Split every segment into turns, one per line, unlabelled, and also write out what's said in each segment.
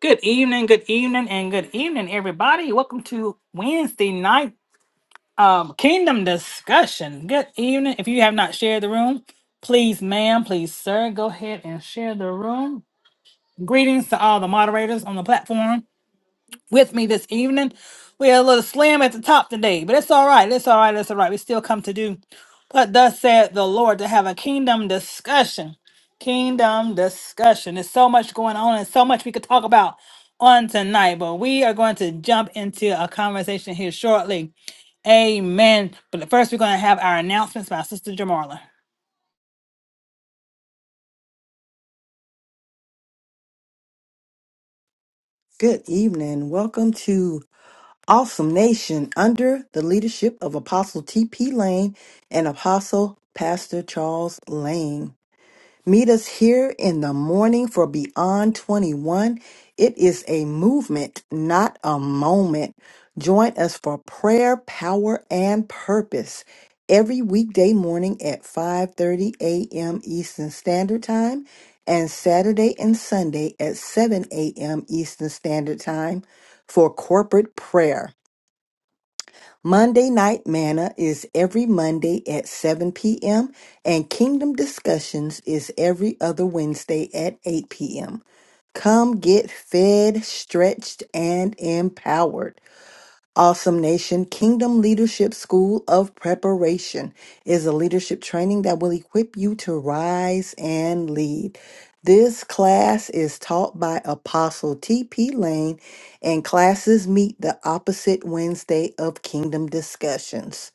Good evening, good evening, and good evening, everybody. Welcome to Wednesday night um, Kingdom Discussion. Good evening. If you have not shared the room, please, ma'am, please, sir, go ahead and share the room. Greetings to all the moderators on the platform with me this evening. We had a little slam at the top today, but it's all right. It's all right. It's all right. We still come to do what thus said the Lord to have a kingdom discussion. Kingdom discussion. There's so much going on and so much we could talk about on tonight, but we are going to jump into a conversation here shortly. Amen. But first, we're going to have our announcements by Sister Jamarla.
Good evening. Welcome to Awesome Nation under the leadership of Apostle T.P. Lane and Apostle Pastor Charles Lane. Meet us here in the morning for Beyond 21. It is a movement, not a moment. Join us for prayer, power, and purpose every weekday morning at 5:30 a.m. Eastern Standard Time and Saturday and Sunday at 7 a.m. Eastern Standard Time for corporate prayer. Monday Night Manna is every Monday at 7 p.m., and Kingdom Discussions is every other Wednesday at 8 p.m. Come get fed, stretched, and empowered. Awesome Nation Kingdom Leadership School of Preparation is a leadership training that will equip you to rise and lead. This class is taught by Apostle T.P. Lane, and classes meet the opposite Wednesday of Kingdom Discussions.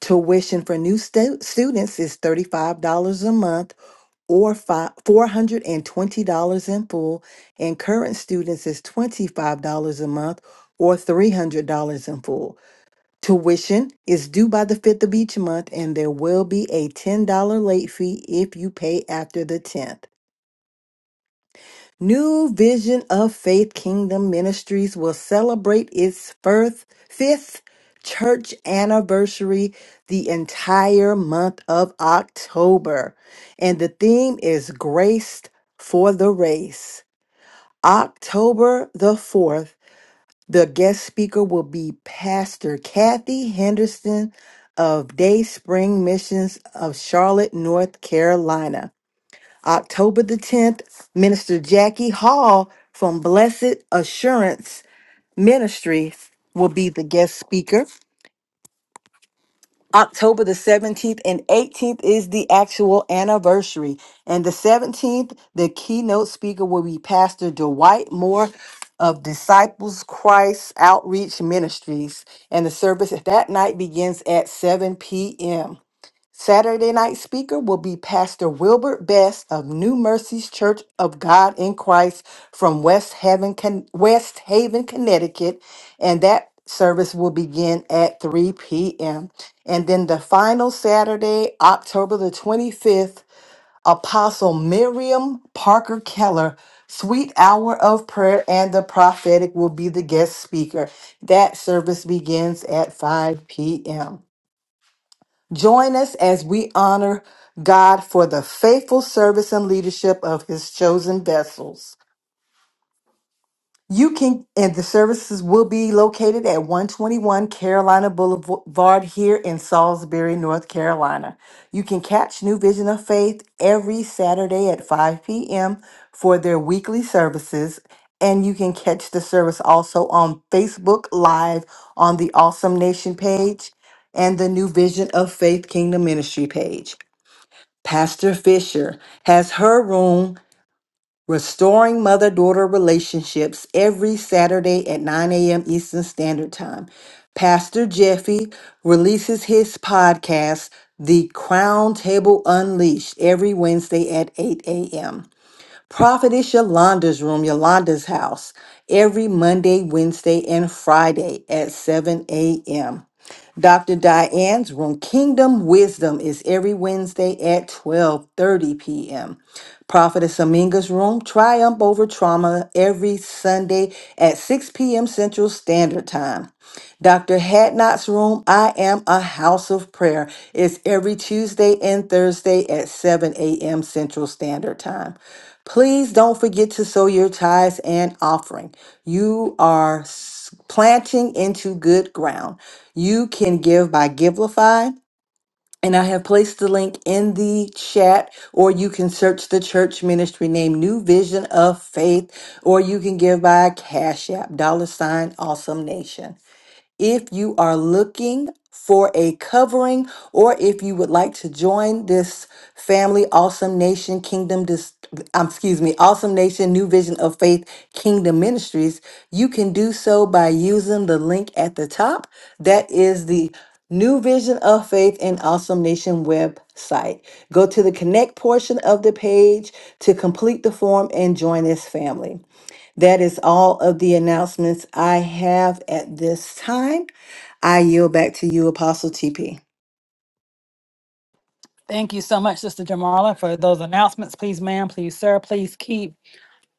Tuition for new stu- students is $35 a month or fi- $420 in full, and current students is $25 a month or $300 in full. Tuition is due by the 5th of each month, and there will be a $10 late fee if you pay after the 10th. New Vision of Faith Kingdom Ministries will celebrate its first, fifth church anniversary the entire month of October. And the theme is Graced for the Race. October the 4th The guest speaker will be Pastor Kathy Henderson of Day Spring Missions of Charlotte, North Carolina. October the 10th, Minister Jackie Hall from Blessed Assurance Ministry will be the guest speaker. October the 17th and 18th is the actual anniversary. And the 17th, the keynote speaker will be Pastor Dwight Moore of Disciples Christ Outreach Ministries. And the service that night begins at 7 p.m. Saturday night speaker will be Pastor Wilbert Best of New Mercies Church of God in Christ from West Haven, Con- West Haven, Connecticut, and that service will begin at 3 p.m. And then the final Saturday, October the 25th, Apostle Miriam Parker Keller, Sweet Hour of Prayer and the Prophetic will be the guest speaker. That service begins at 5 p.m. Join us as we honor God for the faithful service and leadership of his chosen vessels. You can, and the services will be located at 121 Carolina Boulevard here in Salisbury, North Carolina. You can catch New Vision of Faith every Saturday at 5 p.m. for their weekly services. And you can catch the service also on Facebook Live on the Awesome Nation page and the New Vision of Faith Kingdom Ministry page. Pastor Fisher has her room restoring mother daughter relationships every Saturday at 9 a.m. Eastern Standard Time. Pastor Jeffy releases his podcast, The Crown Table Unleashed, every Wednesday at 8 a.m. Prophetess Yolanda's room, Yolanda's house, every Monday, Wednesday, and Friday at 7 a.m. Dr. Diane's room, Kingdom Wisdom, is every Wednesday at 12:30 p.m. Prophetess Aminga's room, Triumph Over Trauma, every Sunday at 6 p.m. Central Standard Time. Dr. Hadnot's Room, I Am a House of Prayer, is every Tuesday and Thursday at 7 a.m. Central Standard Time. Please don't forget to sow your tithes and offering. You are s- planting into good ground. You can give by Givelify. And I have placed the link in the chat, or you can search the church ministry name New Vision of Faith, or you can give by Cash App, dollar sign, awesome nation. If you are looking for a covering, or if you would like to join this family, Awesome Nation Kingdom, dis- um, excuse me, Awesome Nation New Vision of Faith Kingdom Ministries, you can do so by using the link at the top. That is the New Vision of Faith and Awesome Nation website. Go to the connect portion of the page to complete the form and join this family. That is all of the announcements I have at this time. I yield back to you, Apostle TP.
Thank you so much, Sister Jamala, for those announcements. Please, ma'am, please, sir, please keep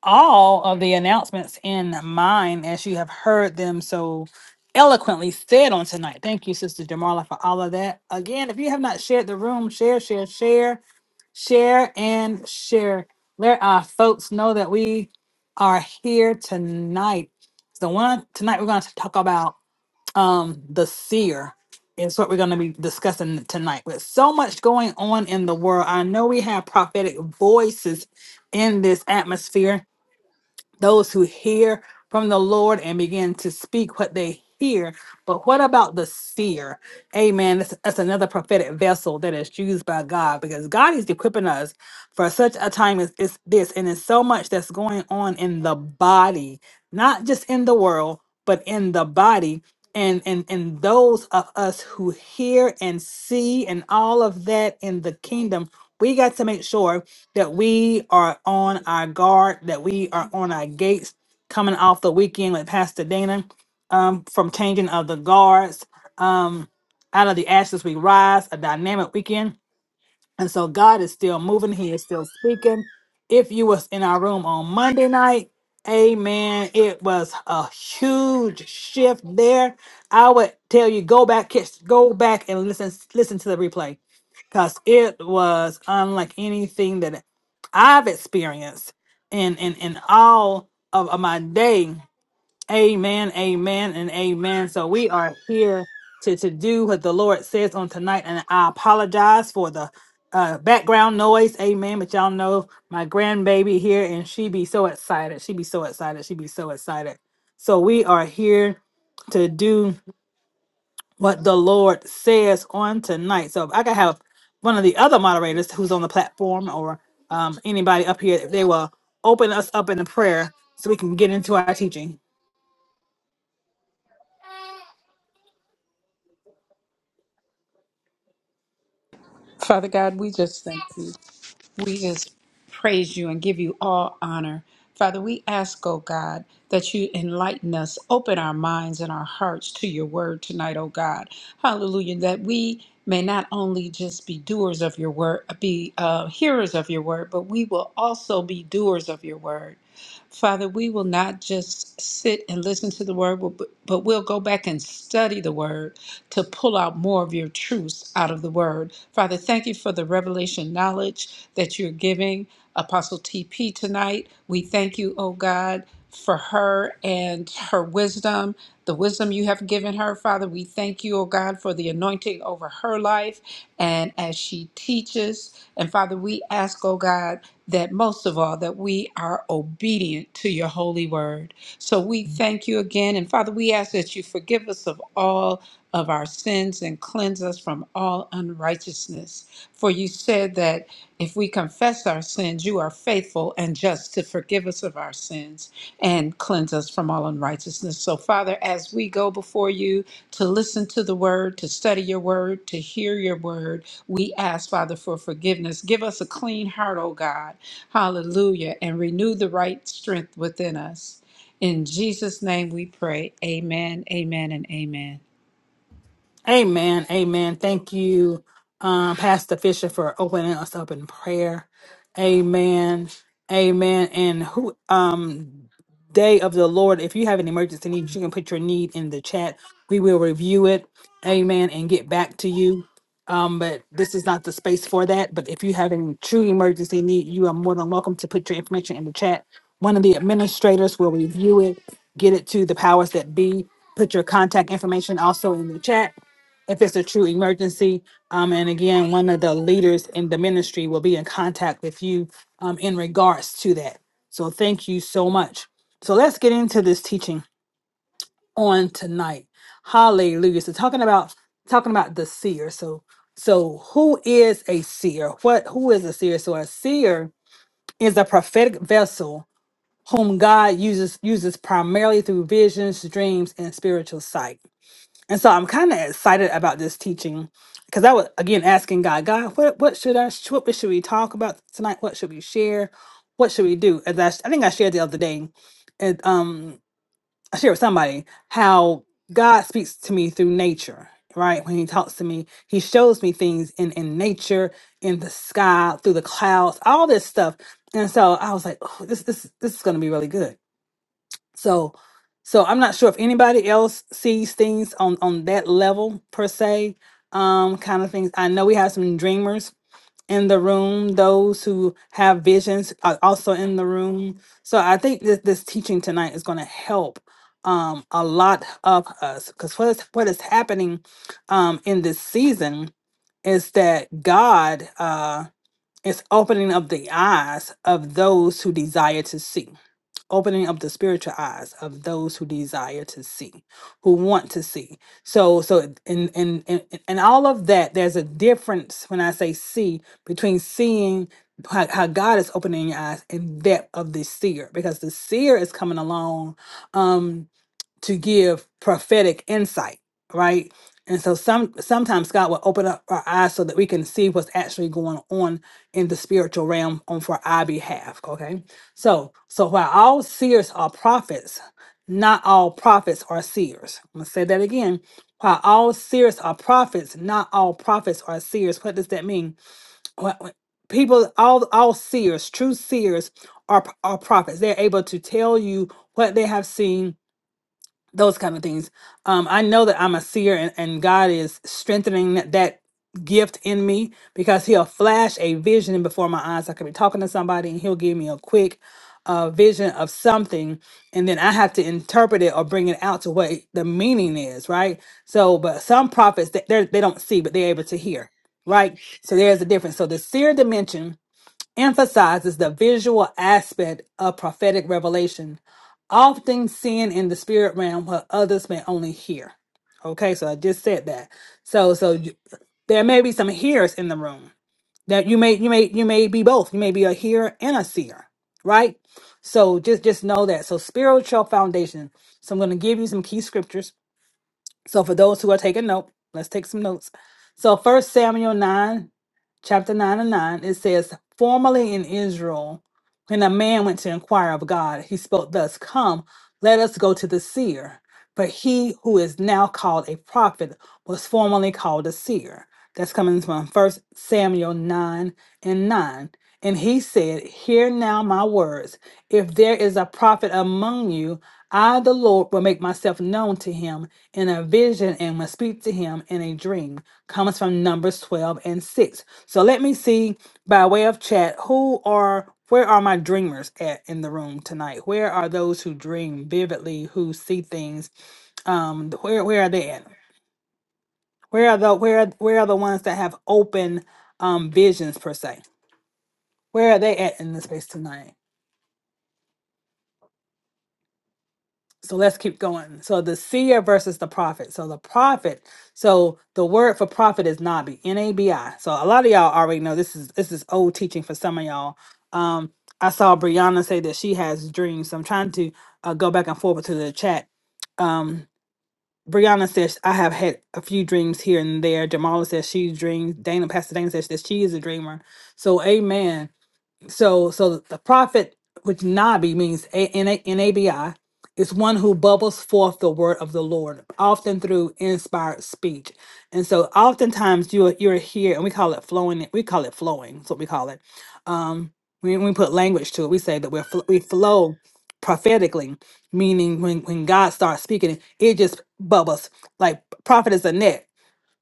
all of the announcements in mind as you have heard them so eloquently said on tonight. Thank you, Sister Jamala, for all of that. Again, if you have not shared the room, share, share, share, share, and share. Let our folks know that we are here tonight. So one tonight we're going to talk about um the seer is what we're going to be discussing tonight with so much going on in the world i know we have prophetic voices in this atmosphere those who hear from the Lord and begin to speak what they hear. But what about the seer? Amen. That's, that's another prophetic vessel that is used by God because God is equipping us for such a time as, as this. And there's so much that's going on in the body, not just in the world, but in the body. And, and and those of us who hear and see and all of that in the kingdom, we got to make sure that we are on our guard, that we are on our gates coming off the weekend with Pastor Dana um, from changing of the guards. Um, out of the ashes we rise, a dynamic weekend and so God is still moving. He is still speaking. If you was in our room on Monday night, amen. It was a huge shift there. I would tell you go back, catch, go back and listen, listen to the replay. Cause it was unlike anything that I've experienced in in, in all of, of my day. Amen, amen, and amen. So we are here to, to do what the Lord says on tonight, and I apologize for the uh, background noise. Amen. But y'all know my grandbaby here, and she be so excited. She be so excited. She be so excited. So we are here to do what the Lord says on tonight. So if I could have one of the other moderators who's on the platform or um, anybody up here, if they will open us up in a prayer so we can get into our teaching.
Father God, we just thank you. We just praise you and give you all honor. Father, we ask, oh God, that you enlighten us, open our minds and our hearts to your word tonight, oh God. Hallelujah. That we may not only just be doers of your word, be uh, hearers of your word, but we will also be doers of your word. Father, we will not just sit and listen to the word, but but we'll go back and study the word to pull out more of your truths out of the word. Father, thank you for the revelation knowledge that you're giving Apostle TP tonight. We thank you, oh God, for her and her wisdom, the wisdom you have given her, Father. We thank you, oh God, for the anointing over her life and as she teaches. And Father, we ask, oh God, that most of all that we are obedient to your holy word so we thank you again and father we ask that you forgive us of all of our sins and cleanse us from all unrighteousness for you said that if we confess our sins you are faithful and just to forgive us of our sins and cleanse us from all unrighteousness so father as we go before you to listen to the word to study your word to hear your word we ask father for forgiveness give us a clean heart O god Hallelujah. And renew the right strength within us. In Jesus' name we pray. Amen, amen, and amen.
Amen. Amen. Thank you, um, Pastor Fisher, for opening us up in prayer. Amen. Amen. And who um day of the Lord, if you have an emergency need, you can put your need in the chat. We will review it. Amen. And get back to you. Um, but this is not the space for that. But if you have any true emergency need, you are more than welcome to put your information in the chat. One of the administrators will review it, get it to the powers that be. Put your contact information also in the chat if it's a true emergency. Um, and again, one of the leaders in the ministry will be in contact with you um, in regards to that. So thank you so much. So let's get into this teaching on tonight. Hallelujah. So talking about talking about the seer. So so who is a seer? What who is a seer? So a seer is a prophetic vessel whom God uses uses primarily through visions, dreams, and spiritual sight. And so I'm kind of excited about this teaching because I was again asking God, God, what what should I sh- what should we talk about tonight? What should we share? What should we do? As I, sh- I think I shared the other day, and um, I shared with somebody how God speaks to me through nature. Right when He talks to me, He shows me things in in nature, in the sky, through the clouds, all this stuff. And so I was like, oh, this this this is going to be really good. So, so I'm not sure if anybody else sees things on on that level per se, um, kind of things. I know we have some dreamers in the room. Those who have visions are also in the room. So I think this this teaching tonight is going to help um a lot of us because what is what is happening um in this season is that God uh it's opening up the eyes of those who desire to see, opening up the spiritual eyes of those who desire to see, who want to see. So, so in in in, in all of that, there's a difference when I say see between seeing how, how God is opening your eyes and that of the seer, because the seer is coming along. Um, to give prophetic insight, right? And so some sometimes God will open up our eyes so that we can see what's actually going on in the spiritual realm on for our behalf. Okay. So so while all seers are prophets, not all prophets are seers. I'm gonna say that again. While all seers are prophets, not all prophets are seers. What does that mean? What- what- People, all all seers, true seers, are are prophets. They're able to tell you what they have seen those kind of things. Um, I know that I'm a seer and, and God is strengthening that, that gift in me because he'll flash a vision before my eyes. I could be talking to somebody and he'll give me a quick uh, vision of something and then I have to interpret it or bring it out to what the meaning is, right? So, but some prophets, they, they're- they don't see, but they're able to hear, right? So there's a difference. So the seer dimension emphasizes the visual aspect of prophetic revelation, often seen in the spirit realm where others may only hear. Okay, so I just said that. So so you- there may be some hearers in the room. That you may you may you may be both. You may be a hearer and a seer, right? So just just know that. So spiritual foundation. So I'm going to give you some key scriptures. So for those who are taking note, let's take some notes. So first Samuel 9 chapter 9 and 9, it says, Formerly in Israel, when a man went to inquire of God, he spoke thus, Come, let us go to the seer. But he who is now called a prophet was formerly called a seer. That's coming from First Samuel 9 and 9. And he said, Hear now my words. If there is a prophet among you, I, the Lord, will make myself known to him in a vision and will speak to him in a dream. Comes from Numbers 12 and 6. So let me see by way of chat who are where are my dreamers at in the room tonight? Where are those who dream vividly, who see things? Um, th- where where are they at? Where are the where where are the ones that have open um visions per se? Where are they at in the space tonight? so let's keep going. So the seer versus the prophet. So the prophet. So the word for prophet is nabi, N A B I. So a lot of y'all already know this is this is old teaching for some of y'all. Um, I saw Brianna say that she has dreams. So I'm trying to uh, go back and forth to the chat. Um, Brianna says I have had a few dreams here and there. Jamala says she dreams. Dana, Pastor Dana says that she is a dreamer. So amen. So, so the prophet, which Nabi means A- N A- N-A-B-I, is one who bubbles forth the word of the Lord, often through inspired speech. And so, oftentimes you you're here, and we call it flowing. We call it flowing. That's what we call it. Um, when we put language to it, we say that we're fl- we flow prophetically, meaning when when God starts speaking, it just bubbles like prophet is a net.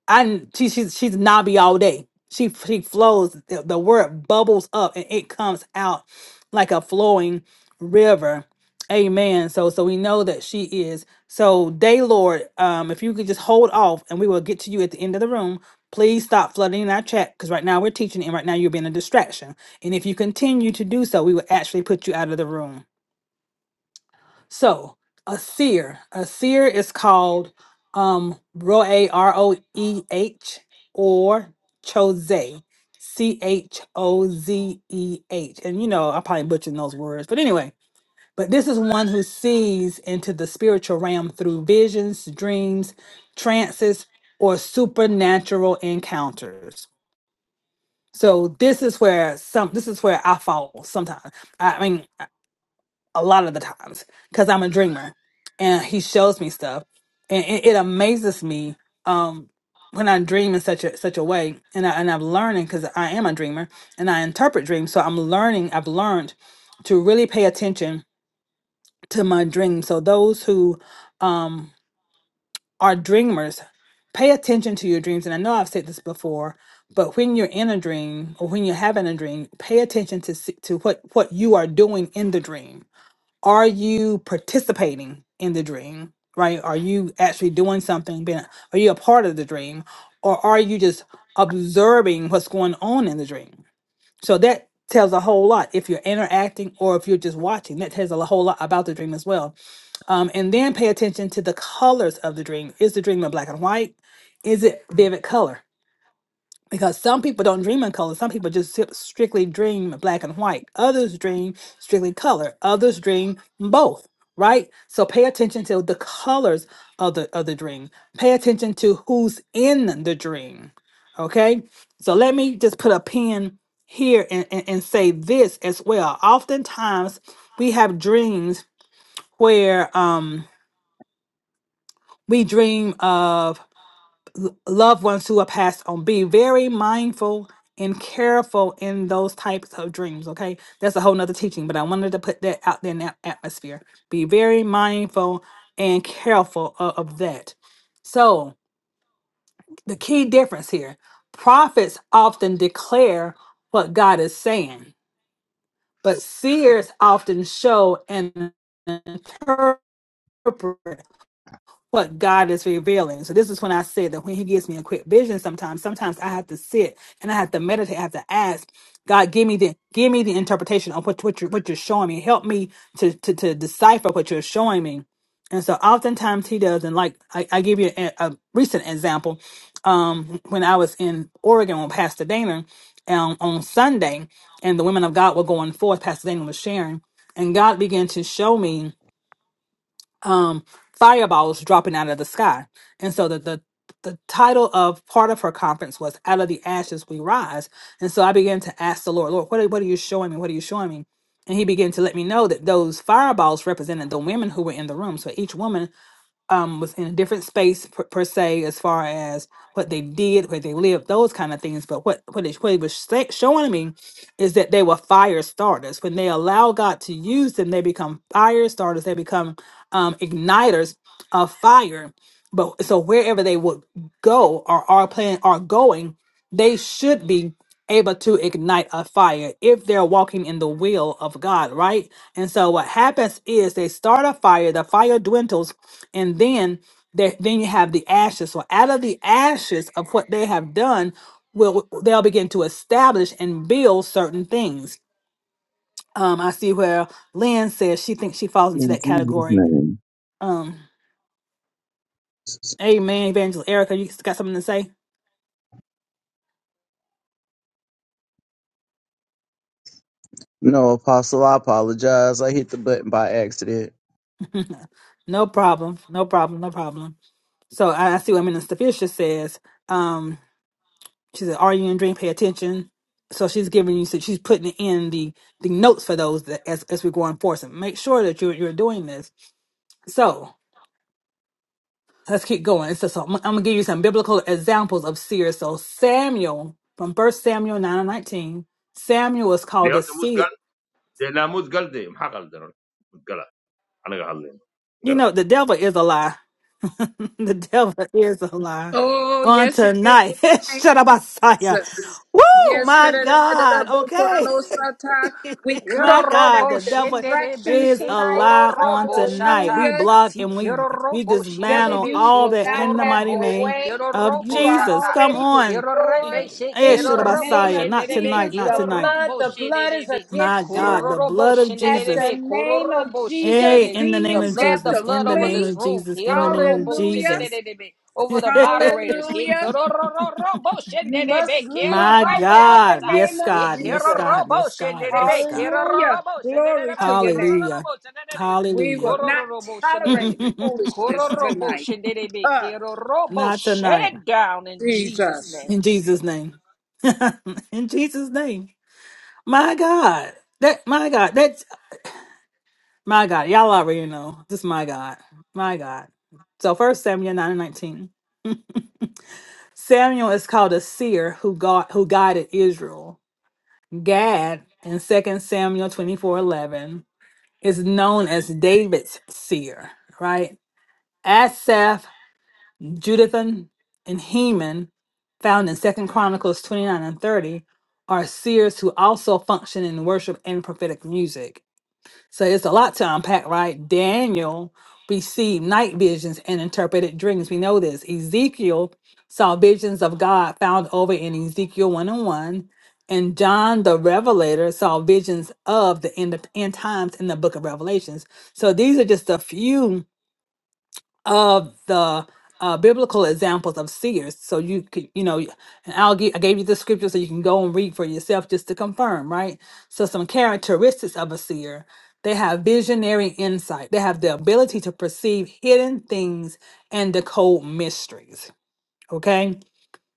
I she, she's she's knobby all day. She she flows. The, the word bubbles up and it comes out like a flowing river. Amen. So so we know that she is. So day Lord, um, if you could just hold off and we will get to you at the end of the room. Please stop flooding in our chat because right now we're teaching and right now you're being a distraction. And if you continue to do so, we will actually put you out of the room. So a seer, a seer is called um roe r o e h or chose c h o z e h, and you know I probably butchered those words, but anyway. But this is one who sees into the spiritual realm through visions, dreams, trances, or supernatural encounters. So this is where some this is where I fall sometimes. I mean a lot of the times because I'm a dreamer and he shows me stuff and it, it amazes me um when I dream in such a such a way and I and I'm learning because I am a dreamer and I interpret dreams so I'm learning I've learned to really pay attention to my dreams so those who um are dreamers pay attention to your dreams and I know I've said this before but when you're in a dream or when you're having a dream pay attention to see, to what what you are doing in the dream are you participating in the dream right are you actually doing something being are you a part of the dream or are you just observing what's going on in the dream so that tells a whole lot if you're interacting or if you're just watching that tells a whole lot about the dream as well um, and then pay attention to the colors of the dream is the dream in black and white is it vivid color because some people don't dream in color. Some people just sip- strictly dream black and white. Others dream strictly color. Others dream both. Right. So pay attention to the colors of the of the dream. Pay attention to who's in the dream. Okay. So let me just put a pin here and, and, and say this as well. Oftentimes we have dreams where um we dream of loved ones who have passed on. Be very mindful and careful in those types of dreams. Okay. That's a whole nother teaching, but I wanted to put that out there in that atmosphere. Be very mindful and careful of, of that. So the key difference here, prophets often declare what God is saying, but seers often show and interpret what God is revealing. So this is when I said that when He gives me a quick vision, sometimes, sometimes I have to sit and I have to meditate. I have to ask God, give me the give me the interpretation of what what you're what you're showing me. Help me to to, to decipher what you're showing me. And so oftentimes He does. And like I, I give you a, a recent example, um, when I was in Oregon with Pastor Dana um, on Sunday, and the women of God were going forth. Pastor Dana was sharing, and God began to show me um, fireballs dropping out of the sky. And so the, the the title of part of her conference was "Out of the Ashes We Rise." And so I began to ask the Lord, Lord, what are, what are you showing me? What are you showing me? And He began to let me know that those fireballs represented the women who were in the room. So each woman um, was in a different space per, per se as far as what they did, where they lived, those kind of things. But what what it, what it was sa- showing me is that they were fire starters. When they allow God to use them, they become fire starters. They become um, igniters of fire. But so wherever they would go or are planning are going, they should be able to ignite a fire if they're walking in the will of God, right? And so what happens is they start a fire, the fire dwindles and then there, then you have the ashes. So out of the ashes of what they have done, will they'll begin to establish and build certain things. Um, I see where Lynn says she thinks she falls into
In
that
Jesus'
category.
name.
Um, Amen, Evangelist Erica, you got something to say?
No, Apostle, I apologize. I hit the button by accident.
no problem, no problem, no problem. So I, I see what Minister Fisher says. Um, She said, "Are you in dream? Pay attention." So she's giving you, so she's putting in the the notes for those that as as we're going forward. So make sure that you're you're doing this. So let's keep going. So, so I'm, I'm gonna give you some biblical examples of seers. So Samuel from First Samuel nine and nineteen, Samuel was
de
called a
mud mut
seer.
gal de na mut gal de maxa qaldaron mut gala anaga hadlayno
You know the devil is a lie. the devil is a lie.
Oh,
On
yes, it is
tonight,
in the name
shut up,
of
Messiah.
Jesus.
Woo,
Yes,
my God. Okay.
da-da-da-da-da-bo-ko-da-lo-sa-ta. we come
Yoro
My
against
God,
robo
every
the devil
shende de
distraction
is
beshe
a
tonight.
koro
lie on
robo
tonight.
shata.
We
Hallelujah.
block
Si
and
kiro
we we
robo shende de
Devil,
dismantle
you
all
beshe
will
that
not
koro
in the
have
mighty
robo
your
she
name
way.
kiro
of
robo
You are
Jesus.
shata.
Come
already
on.
Kiro rebe
destroyed
she
Eh,
in
kiro
shit,
the
robo
name
Messiah.
of
shende
Not
de be
tonight,
Jesus.
not
The
kiro
tonight.
blood,
robo
the
shende
blood
de
is
be.
My
against you.
God,
Koro
the
robo
blood of
shende de
At
de
the
Jesus.
be koro
name of
robo shende de
Hey,
Jesus,
de.
in the name
The
demons
of
blood,
have
the
Jesus,
to
blood
in the
over
name
flee.
this
of
room.
Jesus, in
Kiro
the name of
robo shende
Hallelujah.
de
Jesus.
de be. Over the moderators. He
Hallelujah.
kiro robo
You
shende de
must
be kiro
leave
My
right
robo
now in
God.
the
shata.
name
Yes,
Ye
of
God.
kero
Yes,
Jesus.
God.
robo
Yes, God. Yes,
shenderebe,
God.
kero
Hallelujah.
robo
Glory
shenderebe,
to your name.
Hallelujah.
We will
Hallelujah.
koro
not
robo shenderebe, koro robo
tolerate
shenderebe, koro
foolishness
robo
tonight.
shenderebe,
Ah,
kero robo.
Not
Shut
tonight.
it down in Jesus'
Jesus.
In
name.
Jesus' name. In Jesus' name. My God. That my God. That's my God. Y'all already know. This my God. My God. So first Samuel 9 and 19. Samuel is called a seer who got who guided Israel. Gad in Second Samuel 24 11 is known as David's seer, right? Asaph Judithan and Heman, found in Second Chronicles 29 and 30, are seers who also function in worship and prophetic music. So it's a lot to unpack, right? Daniel received night visions and interpreted dreams. We know this. Ezekiel saw visions of God found over in Ezekiel 1 and 1. And John the Revelator saw visions of the end of end times in the book of Revelations. So these are just a few of the uh, biblical examples of seers. So you could, you know, and I'll give, I gave you the scripture so you can go and read for yourself just to confirm, right? So some characteristics of a seer. They have visionary insight. They have the ability to perceive hidden things and decode mysteries. Okay.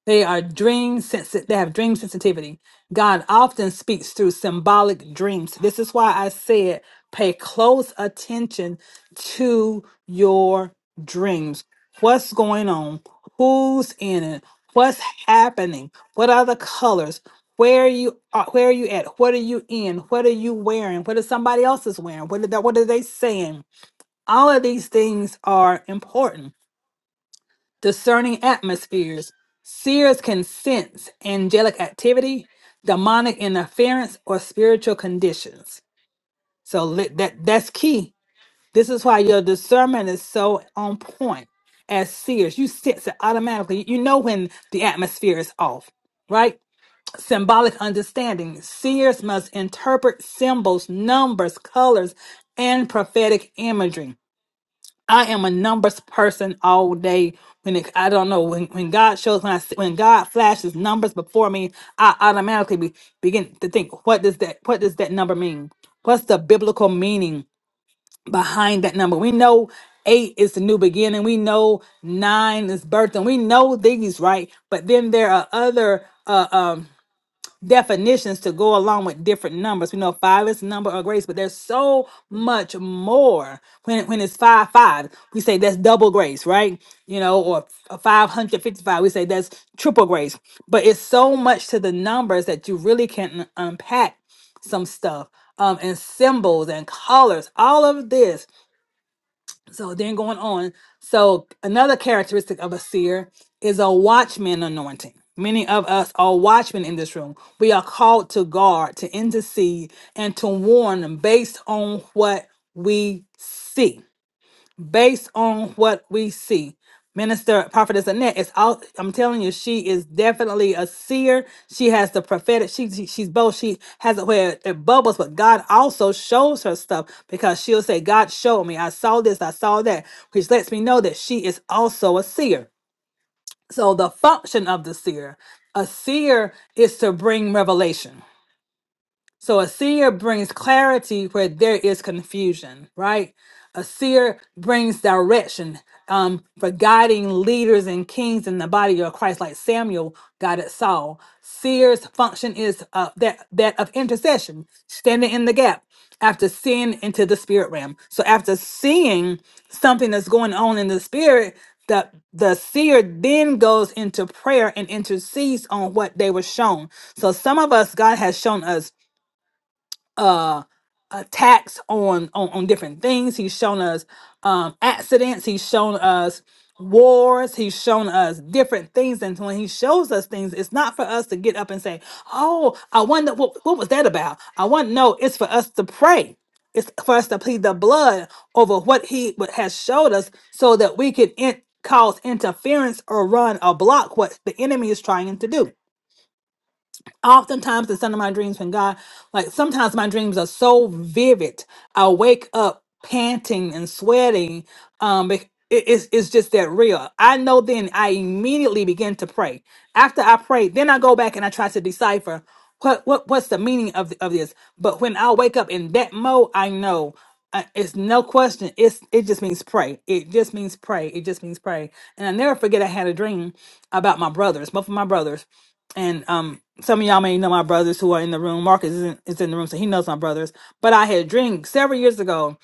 They are dream sensitive. They have dream sensitivity. God often speaks through symbolic dreams. This is why I said pay close attention to your dreams. What's going on? Who's in it? What's happening? What are the colors? Where you are where are you at? What are you in? What are you wearing? What is somebody else is wearing? What are they, what are they saying? All of these things are important discerning atmospheres. Seers can sense angelic activity, demonic interference, or spiritual conditions. So let- that that's key. This is why your discernment is so on point. As seers, you sense it automatically. You know when the atmosphere is off, right? Symbolic understanding. Seers must interpret symbols, numbers, colors, and prophetic imagery I am a numbers person all day. When it, I don't know when, when God shows when I see- when God flashes numbers before me, I automatically be, begin to think, what does that what does that number mean? What's the biblical meaning behind that number? We know eight is the new beginning. We know nine is birth, and we know these right. But then there are other. Uh, um, definitions to go along with different numbers. We know five is the number of grace, but there's so much more when when it's five five. We say that's double grace, right? You know, or five hundred fifty five. We say that's triple grace. But it's so much to the numbers that you really can unpack some stuff um, and symbols and colors. All of this so then going on. So another characteristic of a seer is a watchman anointing. Many of us are watchmen in this room. We are called to guard, to intercede, and to warn based on what we see based on what we see. Minister Prophetess Annette is out. I'm telling you, she is definitely a seer. She has the prophetic. She, she- she's both. She has it where it bubbles, but God also shows her stuff because she'll say, "God showed me. I saw this. I saw that," which lets me know that she is also a seer. So the function of the seer, a seer is to bring revelation. So a seer brings clarity where there is confusion, right? A seer brings direction um, for guiding leaders and kings in the body of Christ, like Samuel guided Saul. Seer's function is uh, that that of intercession, standing in the gap after seeing into the spirit realm. So after seeing something that's going on in the spirit, the the seer then goes into prayer and intercedes on what they were shown. So some of us, God has shown us uh attacks on on, on different things he's shown us um accidents he's shown us wars he's shown us different things and when he shows us things it's not for us to get up and say oh i wonder what, what was that about i want to know it's for us to pray it's for us to plead the blood over what he what has showed us so that we can in, cause interference or run or block what the enemy is trying to do Oftentimes, the son of my dreams when God, like sometimes my dreams are so vivid. I wake up panting and sweating. Um, bec- it- it's, it's just that real. I know then I immediately begin to pray. After I pray, then I go back and I try to decipher what, what what's the meaning of, of this. But when I wake up in that mode, I know uh, it's no question. It's it just means pray. It just means pray. It just means pray. And I never forget I had a dream about my brothers, both of my brothers and um some of y'all may know my brothers who are in the room. Marcus is in, is in the room, so he knows my brothers. But I had a dream several years ago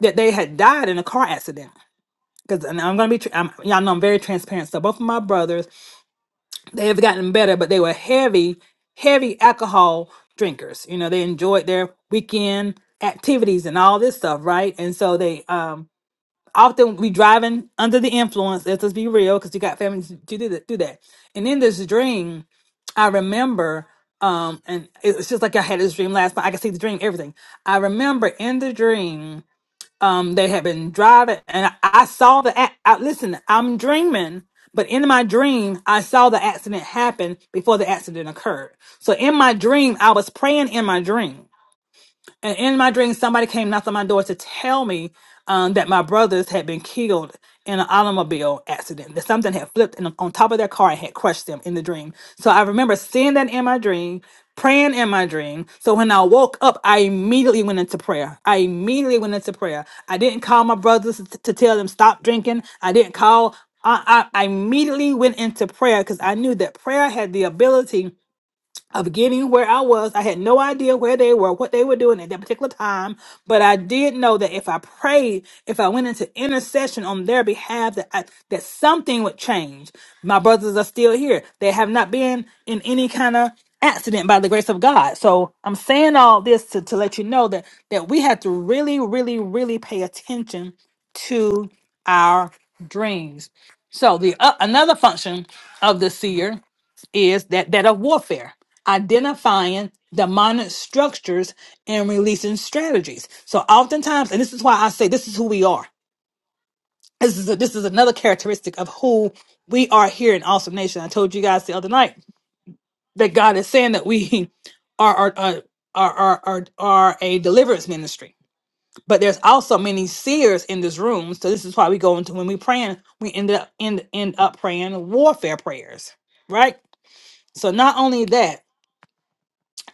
that they had died in a car accident. Because and I'm gonna be, tr- I'm, y'all know I'm very transparent. So both of my brothers, they have gotten better, but they were heavy, heavy alcohol drinkers. You know, they enjoyed their weekend activities and all this stuff, right? And so they um often we driving under the influence. Let's just be real, because you got families to do that. Do that. And in this dream, I remember, um, and it- it's just like I had this dream last night. I can see the dream, everything. I remember in the dream, um, they had been driving, and I, I saw the. ac- I, listen, I'm dreaming. But in my dream, I saw the accident happen before the accident occurred. So in my dream, I was praying in my dream. And in my dream, somebody came knocked on my door to tell me um, that my brothers had been killed in an automobile accident, that something had flipped in, on top of their car and had crushed them in the dream. So I remember seeing that in my dream, praying in my dream. So when I woke up, I immediately went into prayer. I immediately went into prayer. I didn't call my brothers t- to tell them stop drinking. I didn't call. I, I I immediately went into prayer because I knew that prayer had the ability of getting where I was. I had no idea where they were, what they were doing at that particular time, but I did know that if I prayed, if I went into intercession on their behalf, that I, that something would change. My brothers are still here. They have not been in any kind of accident by the grace of God. So I'm saying all this to, to let you know that that we have to really, really, really pay attention to our dreams. So the uh, another function of the seer is that that of warfare identifying demonic structures and releasing strategies so oftentimes and this is why i say this is who we are this is a, this is another characteristic of who we are here in awesome nation i told you guys the other night that god is saying that we are are are are, are, are are a deliverance ministry but there's also many seers in this room so this is why we go into when we praying we end up end, end up praying warfare prayers right so not only that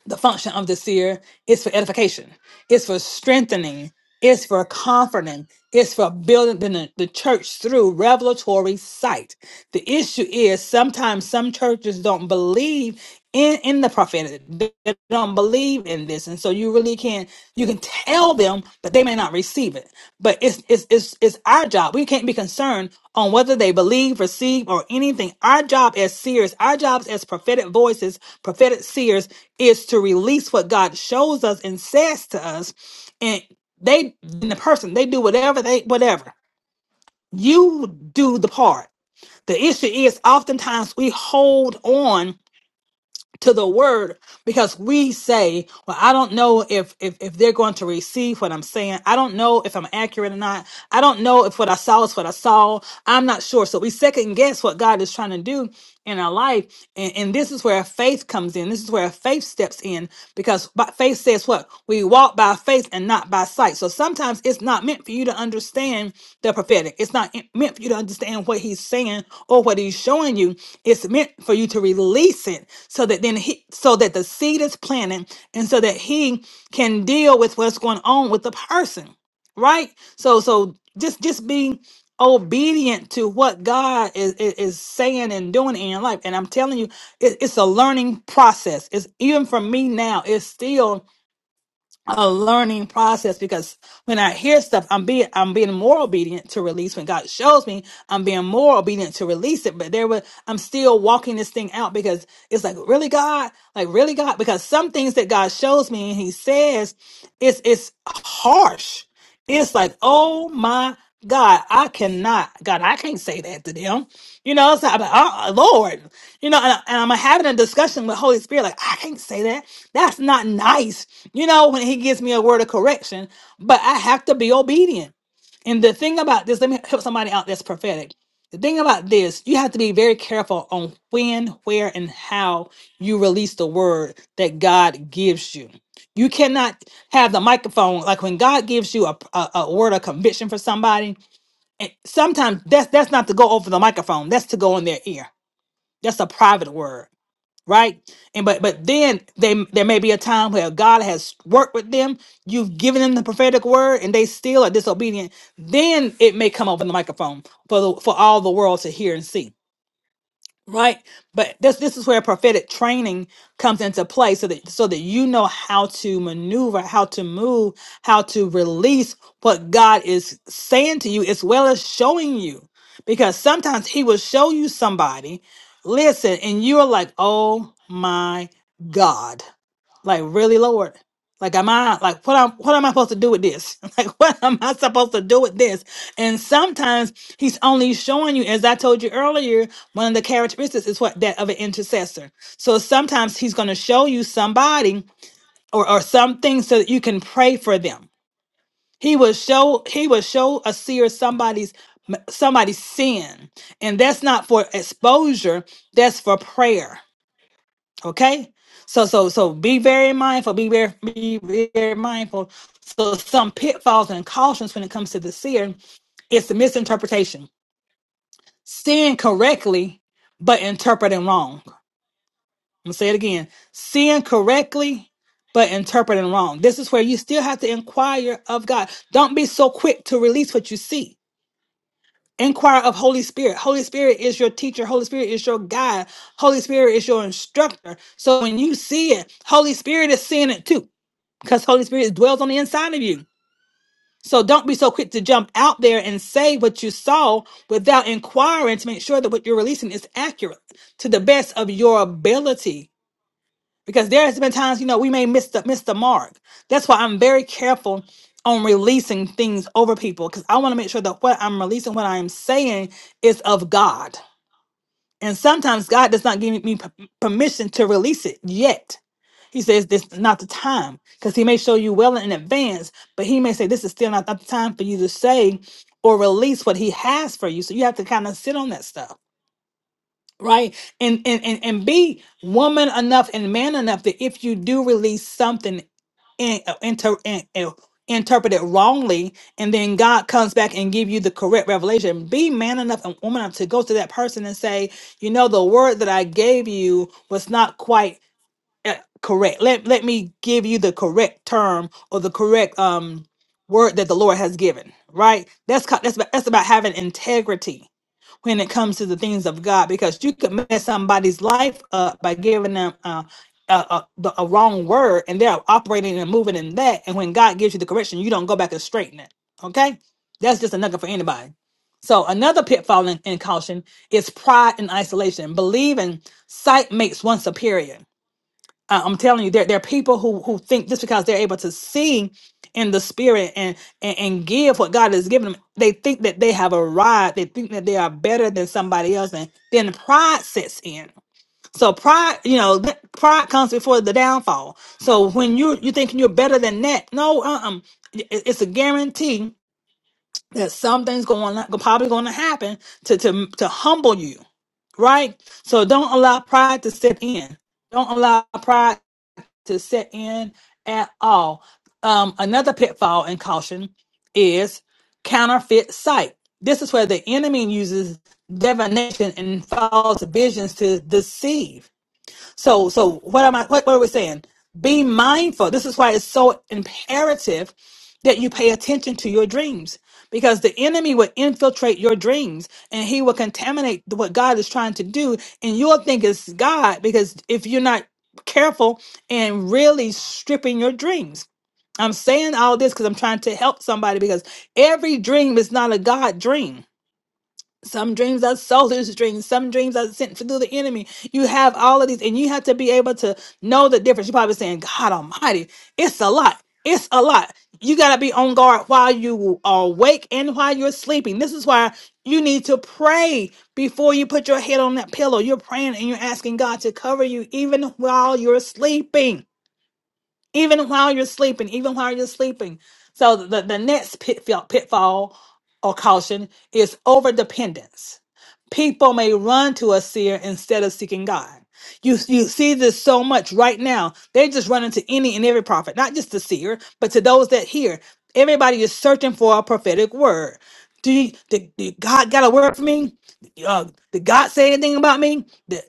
the function of the seer is for edification, it's for strengthening, it's for comforting, it's for building the, the church through revelatory sight. The issue is sometimes some churches don't believe in, in the prophetic, they they don't believe in this. And so you really can't, you can tell them, but they may not receive it. But it's it's it's it's our job. We can't be concerned on whether they believe, receive, or anything. Our job as seers, our jobs as prophetic voices, prophetic seers, is to release what God shows us and says to us. And they, and the person, they do whatever they whatever. You do the part. The issue is, oftentimes we hold on to the word because we say well i don't know if, if if they're going to receive what i'm saying i don't know if i'm accurate or not i don't know if what i saw is what i saw i'm not sure so we second guess what god is trying to do in our life and, and this is where faith comes in this is where faith steps in because by faith faith says what? We walk by faith and not by sight. So sometimes it's not meant for you to understand the prophetic. It's not in- meant for you to understand what he's saying or what he's showing you. It's meant for you to release it so that then he so that the seed is planted and so that he can deal with what's going on with the person. Right? So so just just being obedient to what God is, is, is saying and doing in your life. And I'm telling you, it, it's a learning process. It's even for me now, it's still a learning process because when I hear stuff, I'm being I'm being more obedient to release. When God shows me, I'm being more obedient to release it. But there was I'm still walking this thing out because it's like really God, like really God, because some things that God shows me and He says, it's it's harsh. It's like oh my God, I cannot God, I can't say that to them. You know, it's like, I'm like, uh, uh, Lord, you know, and, I- and I'm having a discussion with Holy Spirit, like I can't say that. That's not nice, you know, when he gives me a word of correction, but I have to be obedient. And the thing about this, let me help somebody out that's prophetic. The thing about this, you have to be very careful on when, where, and how you release the word that God gives you. You cannot have the microphone like when God gives you a, a, a word of conviction for somebody. And sometimes that's that's not to go over the microphone. That's to go in their ear. That's a private word right? And but but then they there may be a time where God has worked with them. You've given them the prophetic word, and they still are disobedient. Then it may come over the microphone for the, for all the world to hear and see right but this this is where prophetic training comes into play so that so that you know how to maneuver how to move how to release what god is saying to you as well as showing you because sometimes he will show you somebody listen and you're like oh my god like really lord like am i like what am what am i supposed to do with this like what am i supposed to do with this and sometimes he's only showing you as i told you earlier one of the characteristics is what that of an intercessor. So sometimes he's going to show you somebody or, or something so that you can pray for them. He will show he will show a seer somebody's somebody's sin. And that's not for exposure, that's for prayer. Okay? So so so be very mindful, be very be very mindful. So some pitfalls and cautions when it comes to the seer, it's the misinterpretation. Seeing correctly, but interpreting wrong. I'm gonna say it again. Seeing correctly, but interpreting wrong. This is where you still have to inquire of God. Don't be so quick to release what you see. Inquire of Holy Spirit. Holy Spirit is your teacher. Holy Spirit is your guide. Holy Spirit is your instructor. So when you see it, Holy Spirit is seeing it too, because Holy Spirit dwells on the inside of you. So don't be so quick to jump out there and say what you saw without inquiring to make sure that what you're releasing is accurate to the best of your ability because there has been times you know we may miss the miss the mark that's why i'm very careful on releasing things over people because i want to make sure that what i'm releasing what i'm saying is of god and sometimes god does not give me p- permission to release it yet he says this is not the time because he may show you well in advance but he may say this is still not the time for you to say or release what he has for you so you have to kind of sit on that stuff right and and and, and be woman enough and man enough that if you do release something in, uh, inter, in, uh, interpreted wrongly and then god comes back and give you the correct revelation be man enough and woman enough to go to that person and say you know the word that i gave you was not quite uh, correct let, let me give you the correct term or the correct um word that the lord has given right that's co- that's about, that's about having integrity when it comes to the things of God because you could mess somebody's life up by giving them uh, a, a, the, a wrong word and they're operating and moving in that. And when God gives you the correction, you don't go back and straighten it. Okay? That's just a nugget for anybody. So another pitfall in, in caution is pride and isolation. Believing sight makes one superior. I- I'm telling you, there, there are people who who think just because they're able to see in the spirit and, and and give what God has given them, they think that they have arrived. They think that they are better than somebody else, and then pride sets in. So pride, you know, th- pride comes before the downfall. So when you you thinking you're better than that, no, um, it's a guarantee that something's going to probably going to happen to to to humble you, right? So don't allow pride to set in. Don't allow pride to set in at all. Um, another pitfall and caution is counterfeit sight. This is where the enemy uses divination and false visions to deceive so, so what am I? What, what are we saying? Be mindful. This is why it's so imperative that you pay attention to your dreams because the enemy will infiltrate your dreams and he will contaminate what God is trying to do, and you'll think it's God because if you're not careful and really stripping your dreams. I'm saying all this because I'm trying to help somebody because every dream is not a God dream some dreams are soulless dreams. Some dreams are sent through the enemy. You have all of these, and you have to be able to know the difference. You're probably saying, God Almighty, it's a lot. It's a lot. You got to be on guard while you are awake and while you're sleeping. This is why you need to pray before you put your head on that pillow. You're praying and you're asking God to cover you even while you're sleeping even while you're sleeping, even while you're sleeping. So the, the next pitfall, pitfall or caution is over dependence. People may run to a seer instead of seeking God. You, you see this so much right now. They're just running to any and every prophet, not just the seer, but to those that hear. Everybody is searching for a prophetic word. Do you, did, did God got a word for me? Uh, did God say anything about me? Did,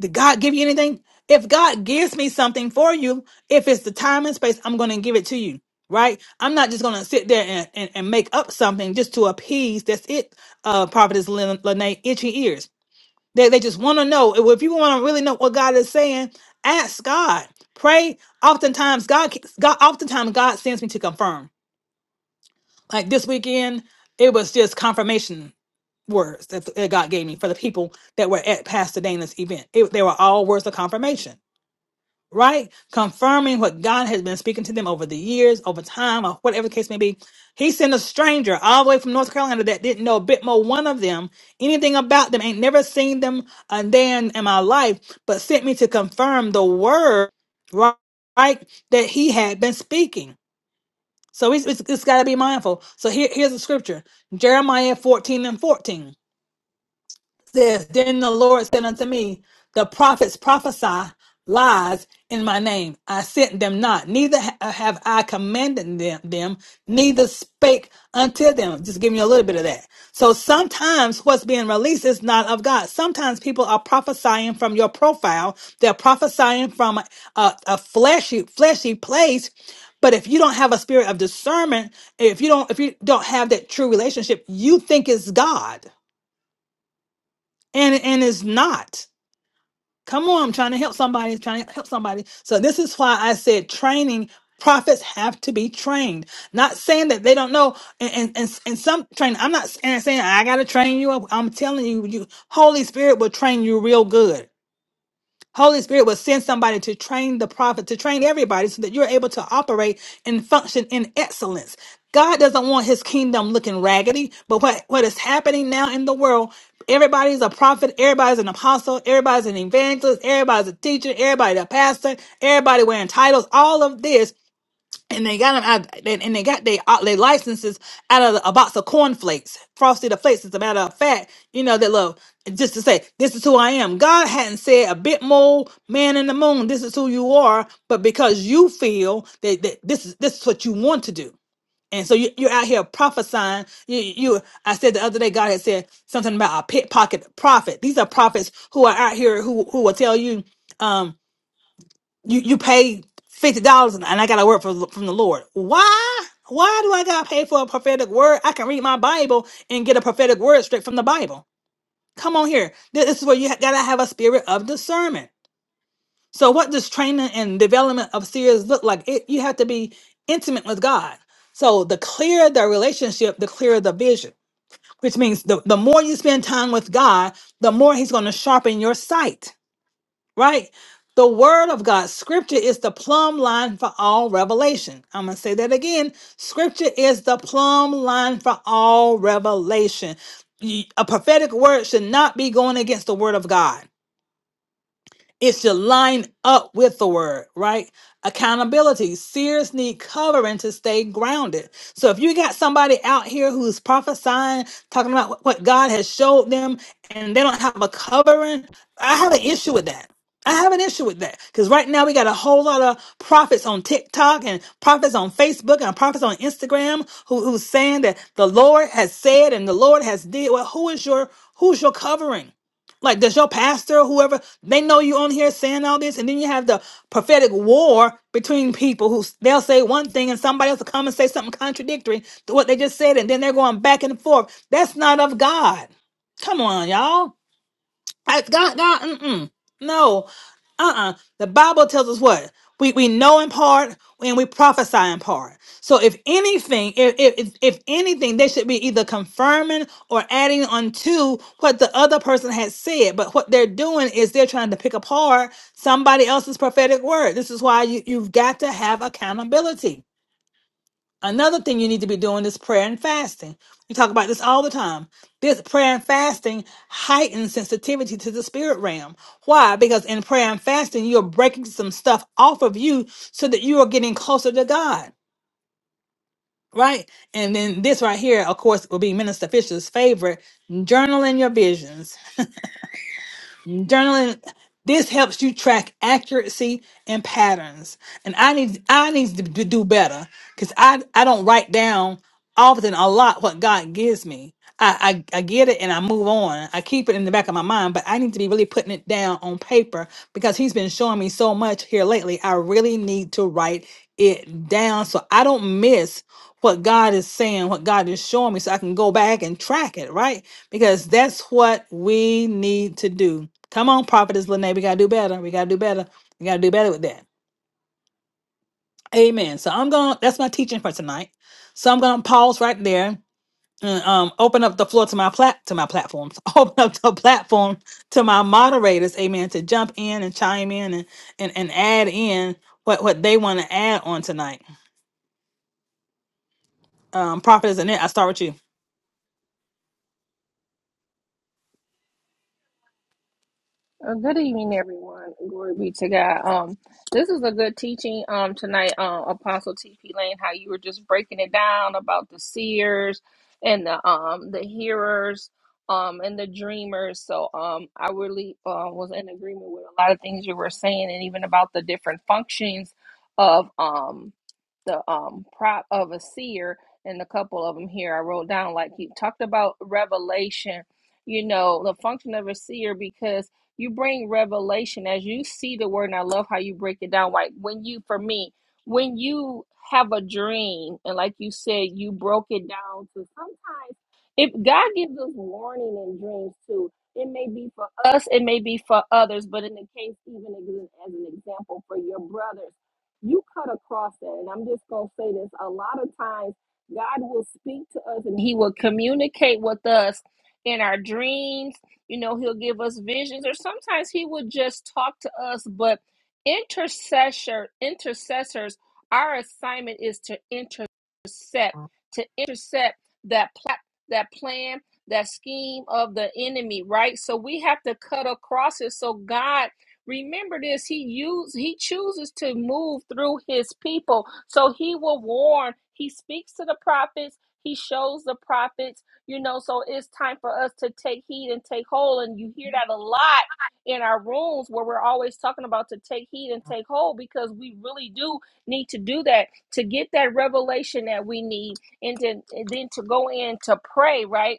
did God give you anything? If God gives me something for you, if it's the time and space, I'm going to give it to you, right? I'm not just going to sit there and, and, and make up something just to appease. That's it, uh, Prophetess Lin- Lene, itchy ears. They, they just want to know. If if you want to really know what God is saying, ask God. Pray. Oftentimes, God, God, oftentimes God sends me to confirm. Like this weekend, it was just confirmation words that, that God gave me for the people that were at Pastor Dana's event. It, they were all words of confirmation right? Confirming what God has been speaking to them over the years, over time, or whatever the case may be. He sent a stranger all the way from North Carolina that didn't know a bit more one of them, anything about them, ain't never seen them a day in, in my life, but sent me to confirm the word, right, right, that he had been speaking. So it's, it's, it's got to be mindful. So here, here's the scripture Jeremiah 14 and 14 says, Then the Lord said unto me, The prophets prophesy lies in my name. I sent them not, neither ha- uh, have I commanded them, them, neither spake unto them. Just give me a little bit of that. So sometimes what's being released is not of God. Sometimes people are prophesying from your profile. They're prophesying from a, a a fleshy, fleshy place. But if you don't have a spirit of discernment, if you don't, if you don't have that true relationship, you think it's God and and it's not come on i'm trying to help somebody trying to help somebody so this is why i said training prophets have to be trained not saying that they don't know and and, and, and some training i'm not s- and saying i gotta train you up i'm telling you you holy spirit will train you real good Holy Spirit will send somebody to train the prophet, to train everybody so that you're able to operate and function in excellence. God doesn't want his kingdom looking raggedy, but what, what is happening now in the world, everybody's a prophet, everybody's an apostle, everybody's an evangelist, everybody's a teacher, everybody's a pastor, everybody wearing titles, all of this and they got them out, and and they got their uh, their licenses out of a box of cornflakes, frosted the flakes. As a matter of fact, you know that love just to say this is who I am. God hadn't said a bit more, man in the moon. This is who you are, but because you feel that, that this is this is what you want to do, and so you, you're out here prophesying. You, you, I said the other day, God had said something about a pickpocket prophet. These are prophets who are out here who who will tell you. um, you you pay fifty dollars and I got a word from from the Lord. Why? Why do I got to pay for a prophetic word? I can read my Bible and get a prophetic word straight from the Bible. Come on here. Th- This is where you ha- gotta have a spirit of discernment. So what does training and development of seers look like? It, you have to be intimate with God. So the clearer the relationship, the clearer the vision. Which means the, the more you spend time with God, the more He's going to sharpen your sight right? The word of God, scripture is the plumb line for all revelation. I'm going to say that again. Scripture is the plumb line for all revelation. Y- A prophetic word should not be going against the word of God. It should line up with the word, right? Accountability. Seers need covering to stay grounded. So if you got somebody out here who's prophesying, talking about what what God has showed them, and they don't have a covering, I have an issue with that. I have an issue with that because right now we got a whole lot of prophets on TikTok and prophets on Facebook and prophets on Instagram who, who's saying that the Lord has said and the Lord has did. Well, who is your who's your covering? Like, does your pastor, whoever, they know you on here saying all this, and then you have the prophetic war between people who s- they'll say one thing and somebody else will come and say something contradictory to what they just said, and then they're going back and forth. That's not of God. Come on, y'all. I, God, God, mm-mm. no, uh-uh. The Bible tells us what we we know in part and we prophesy in part. So if anything, if if if if anything, they should be either confirming or adding unto what the other person has said. But what they're doing is they're trying to pick apart somebody else's prophetic word. This is why you you've got to have accountability. Another thing you need to be doing is prayer and fasting. We talk about this all the time. This prayer and fasting heightens sensitivity to the spirit realm. Why? Because in prayer and fasting, you're breaking some stuff off of you so that you are getting closer to God, right? And then this right here, of course, will be Minister Fisher's favorite journaling your visions. Journaling this helps you track accuracy and patterns. And I need I need to d- do better because I I don't write down often a lot what God gives me. I, I I get it and I move on. I keep it in the back of my mind, but I need to be really putting it down on paper because He's been showing me so much here lately. I really need to write it down so I don't miss what God is saying, what God is showing me, so I can go back and track it, right? Because that's what we need to do. Come on, Prophetess Lene, we gotta do better. We gotta do better. We gotta do better with that. Amen. So I'm gonna that's my teaching for tonight. So I'm gonna pause right there and um open up the floor to my plat to my platforms. Open up the platform to my moderators, amen, to jump in and chime in and and, and add in what, what they want to add on tonight. Um Prophetess Lynette, I start with you.
Uh, good evening, everyone. Glory be to God. Um, this is a good teaching um tonight, um, Apostle T.P. Lane, how you were just breaking it down about the seers and the um the hearers um and the dreamers. So um I really uh, was in agreement with a lot of things you were saying and even about the different functions of um the um prop of a seer and a couple of them here I wrote down like he talked about revelation, you know, the function of a seer because you bring revelation as you see the word and I love how you break it down like when you for me when you have a dream and like you said you broke it down to sometimes if God gives us warning in dreams too it may be for us it may be for others but in the case even as an as an example for your brothers you cut across that. And I'm just going to say this a lot of times, God will speak to us and He will communicate with us in our dreams. You know, He'll give us visions, or sometimes He will just talk to us. But intercessor, intercessors, our assignment is to intercept, to intercept that plat, that plan, that scheme of the enemy, right? So we have to cut across it. So God Remember this, he use he chooses to move through his people. So he will warn. He speaks to the prophets, he shows the prophets, you know, so it's time for us to take heed and take hold and you hear that a lot in our rooms where we're always talking about to take heed and take hold because we really do need to do that to get that revelation that we need and then and then to go in to pray, right?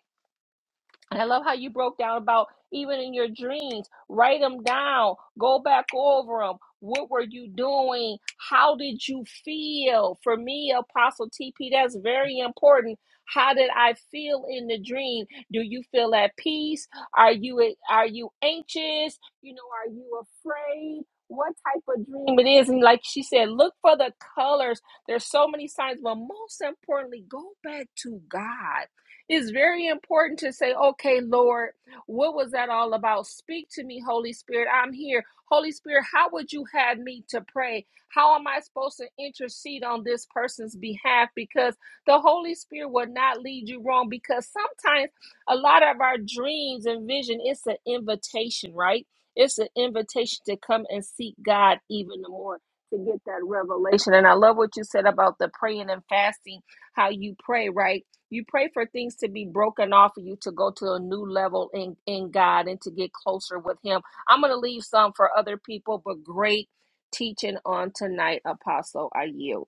And I love how you broke down about even in your dreams, write them down, go back over them. What were you doing? How did you feel? For me, Apostle TP, that's very important. How did I feel in the dream? Do you feel at peace? Are you are you anxious? You know, are you afraid? What type of dream it is? And like she said, look for the colors. There's so many signs, but most importantly, go back to God it's very important to say, okay, Lord, what was that all about? Speak to me, Holy Spirit. I'm here. Holy Spirit, how would you have me to pray? How am I supposed to intercede on this person's behalf? Because the Holy Spirit will not lead you wrong. Because sometimes a lot of our dreams and vision, it's an invitation, right? It's an invitation to come and seek God even the more to get that revelation. And I love what you said about the praying and fasting, how you pray, right? You pray for things to be broken off of you to go to a new level in, in God and to get closer with Him. I'm going to leave some for other people, but great teaching on tonight, Apostle. I yield.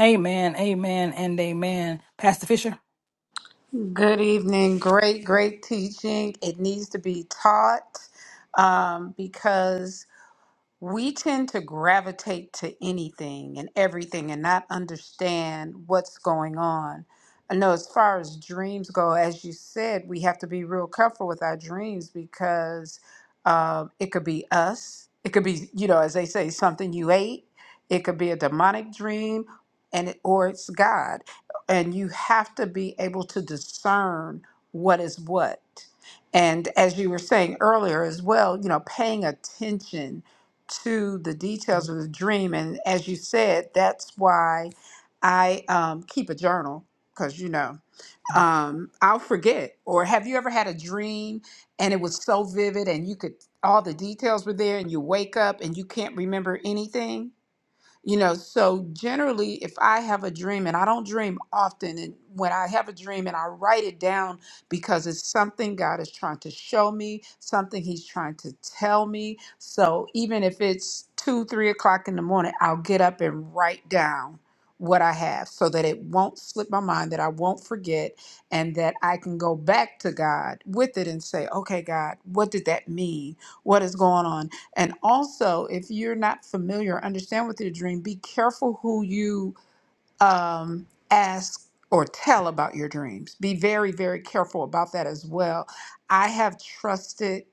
Amen, amen, and amen. Pastor Fisher.
Good evening. Great, great teaching. It needs to be taught um, because we tend to gravitate to anything and everything and not understand what's going on. I know as far as dreams go, as you said, we have to be real careful with our dreams because um, it could be us. It could be, you know, as they say, something you ate. It could be a demonic dream, and it, or it's God. And you have to be able to discern what is what. And as you were saying earlier as well, you know, paying attention to the details of the dream. And as you said, that's why I um, keep a journal because, you know, um, I'll forget. Or have you ever had a dream and it was so vivid and you could, all the details were there and you wake up and you can't remember anything? You know, so generally, if I have a dream, and I don't dream often, and when I have a dream and I write it down because it's something God is trying to show me, something He's trying to tell me. So even if it's two, three o'clock in the morning, I'll get up and write down what I have so that it won't slip my mind, that I won't forget, and that I can go back to God with it and say, okay, God, what did that mean? What is going on? And also, if you're not familiar or understand with your dream, be careful who you um, ask or tell about your dreams. Be very, very careful about that as well. I have trusted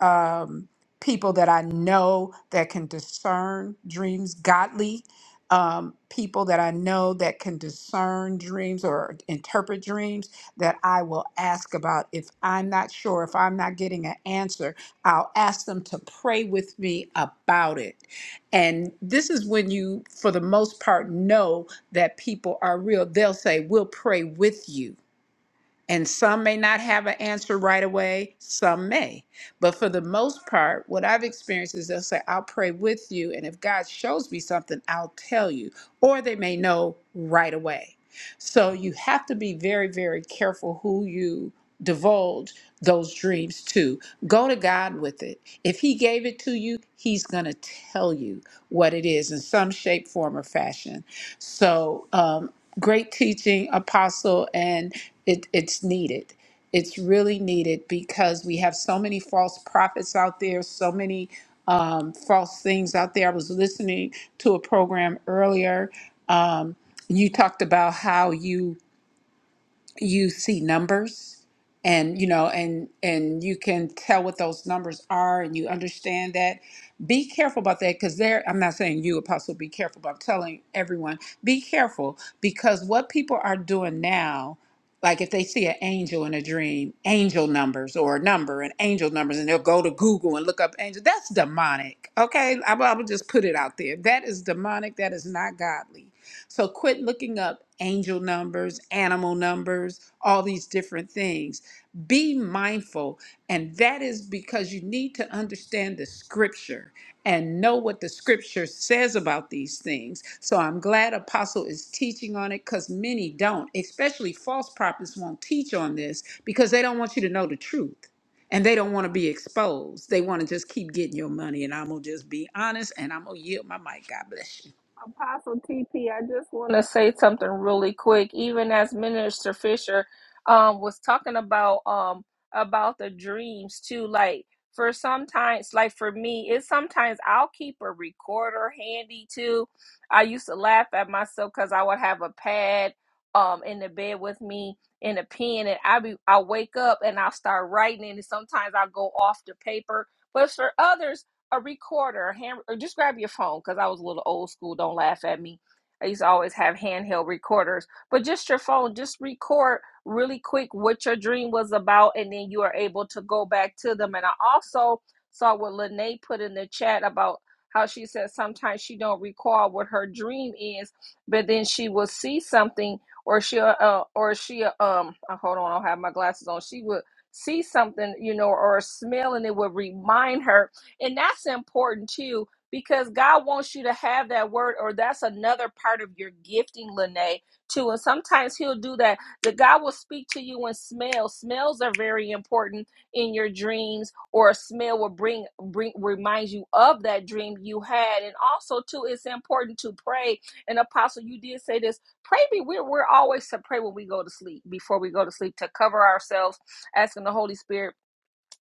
um, people that I know that can discern dreams, godly um, people that I know that can discern dreams or interpret dreams that I will ask about. If I'm not sure, if I'm not getting an answer, I'll ask them to pray with me about it. And this is when you, for the most part, know that people are real. They'll say, We'll pray with you and some may not have an answer right away, some may. But for the most part, what I've experienced is they'll say, I'll pray with you. And if God shows me something, I'll tell you. Or they may know right away. So you have to be very, very careful who you divulge those dreams to. Go to God with it. If He gave it to you, He's going to tell you what it is in some shape, form, or fashion. So um, great teaching, Apostle, and it, it's needed. It's really needed because we have so many false prophets out there, so many um, false things out there. I was listening to a program earlier. Um, you talked about how you you see numbers and you know and and you can tell what those numbers are and you understand that be careful about that because there i'm not saying you apostle be careful but i'm telling everyone be careful because what people are doing now like if they see an angel in a dream angel numbers or a number and angel numbers and they'll go to google and look up angel that's demonic okay i'm, I'm just put it out there that is demonic that is not godly so quit looking up angel numbers, animal numbers, all these different things. Be mindful. And that is because you need to understand the scripture and know what the scripture says about these things. So I'm glad Apostle is teaching on it because many don't, especially false prophets won't teach on this because they don't want you to know the truth and they don't want to be exposed. They want to just keep getting your money. And I'm going to just be honest and I'm going to yield my mic. God bless you.
Apostle TP, I just want to say something really quick. Even as Minister Fisher um, was talking about um, about the dreams too, like for sometimes, like for me, it's sometimes I'll keep a recorder handy too. I used to laugh at myself because I would have a pad um in the bed with me and a pen, and I be I wake up and I'll start writing, and sometimes I'll go off the paper. But for others, a recorder, a hand, or just grab your phone because I was a little old school. Don't laugh at me. I used to always have handheld recorders, but just your phone, just record really quick what your dream was about, and then you are able to go back to them. And I also saw what Lene put in the chat about how she said sometimes she don't recall what her dream is, but then she will see something, or she'll, uh, or she, um, uh, hold on, I don't have my glasses on. She would see something, you know, or a smell, and it would remind her and that's important too, because God wants you to have that word, or that's another part of your gifting, Lene, too. And sometimes He'll do that. The God will speak to you in smells. Smells are very important in your dreams, or a smell will bring bring reminds you of that dream you had. And also too, it's important to pray. And Apostle, you did say this. Pray be we're we're always to pray when we go to sleep, before we go to sleep, to cover ourselves, asking the Holy Spirit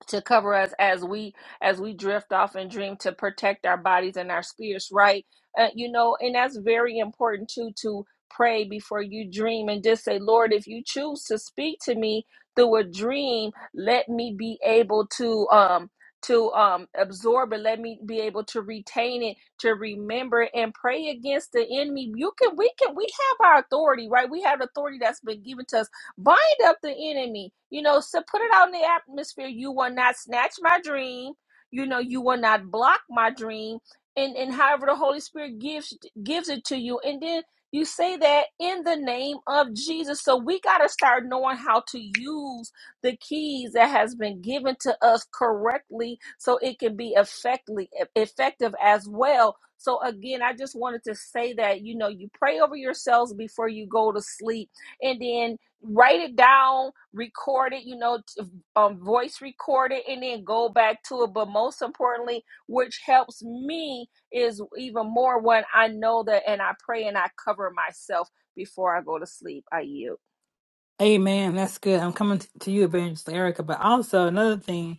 to cover us as we as we drift off and dream to protect our bodies and our spirits right uh, you know and that's very important too to pray before you dream and just say lord if you choose to speak to me through a dream let me be able to um to um absorb it let me be able to retain it to remember it, and pray against the enemy you can we can we have our authority right we have authority that's been given to us bind up the enemy you know so put it out in the atmosphere you will not snatch my dream you know you will not block my dream and and however the holy spirit gives gives it to you and then you say that in the name of jesus so we got to start knowing how to use the keys that has been given to us correctly so it can be effectively effective as well so again i just wanted to say that you know you pray over yourselves before you go to sleep and then write it down, record it, you know, t- um, voice record it, and then go back to it. But most importantly, which helps me is even more when I know that and I pray and I cover myself before I go to sleep. I yield.
Amen. That's good. I'm coming t- to you, Evangelist Erica. But also another thing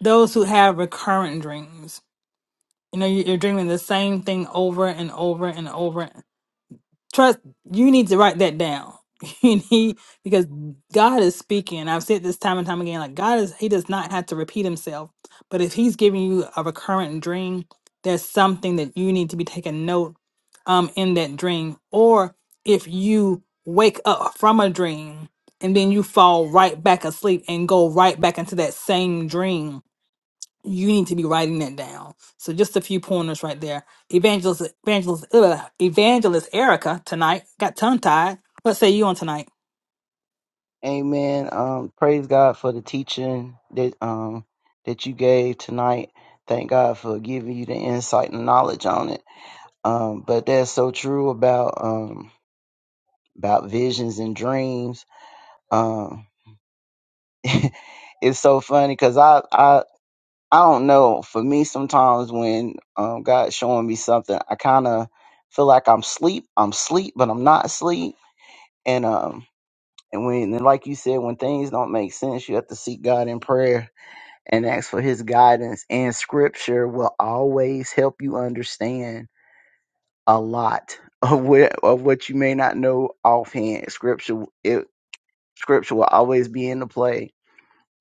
those who have recurrent dreams. You know, you- you're dreaming the same thing over and over and over. Trust, you need to write that down. You need, because God is speaking. I've said this time and time again like, God is, He does not have to repeat Himself. But if He's giving you a recurrent dream, there's something that you need to be taking note um, in that dream. Or if you wake up from a dream and then you fall right back asleep and go right back into that same dream you need to be writing that down. So just a few pointers right there. Evangelist, evangelist, ugh, evangelist Erica tonight got tongue tied. What say you on tonight?
Amen. Um, praise God for the teaching that um that you gave tonight. Thank God for giving you the insight and knowledge on it. Um, but that's so true about um about visions and dreams. Um, it's so funny because I, I I don't know. For me, sometimes when um, God's showing me something, I kind of feel like I'm sleep. I'm sleep, but I'm not sleep. And um, and when and like you said, when things don't make sense, you have to seek God in prayer and ask for His guidance. And Scripture will always help you understand a lot of what of what you may not know offhand. Scripture it Scripture will always be in the play.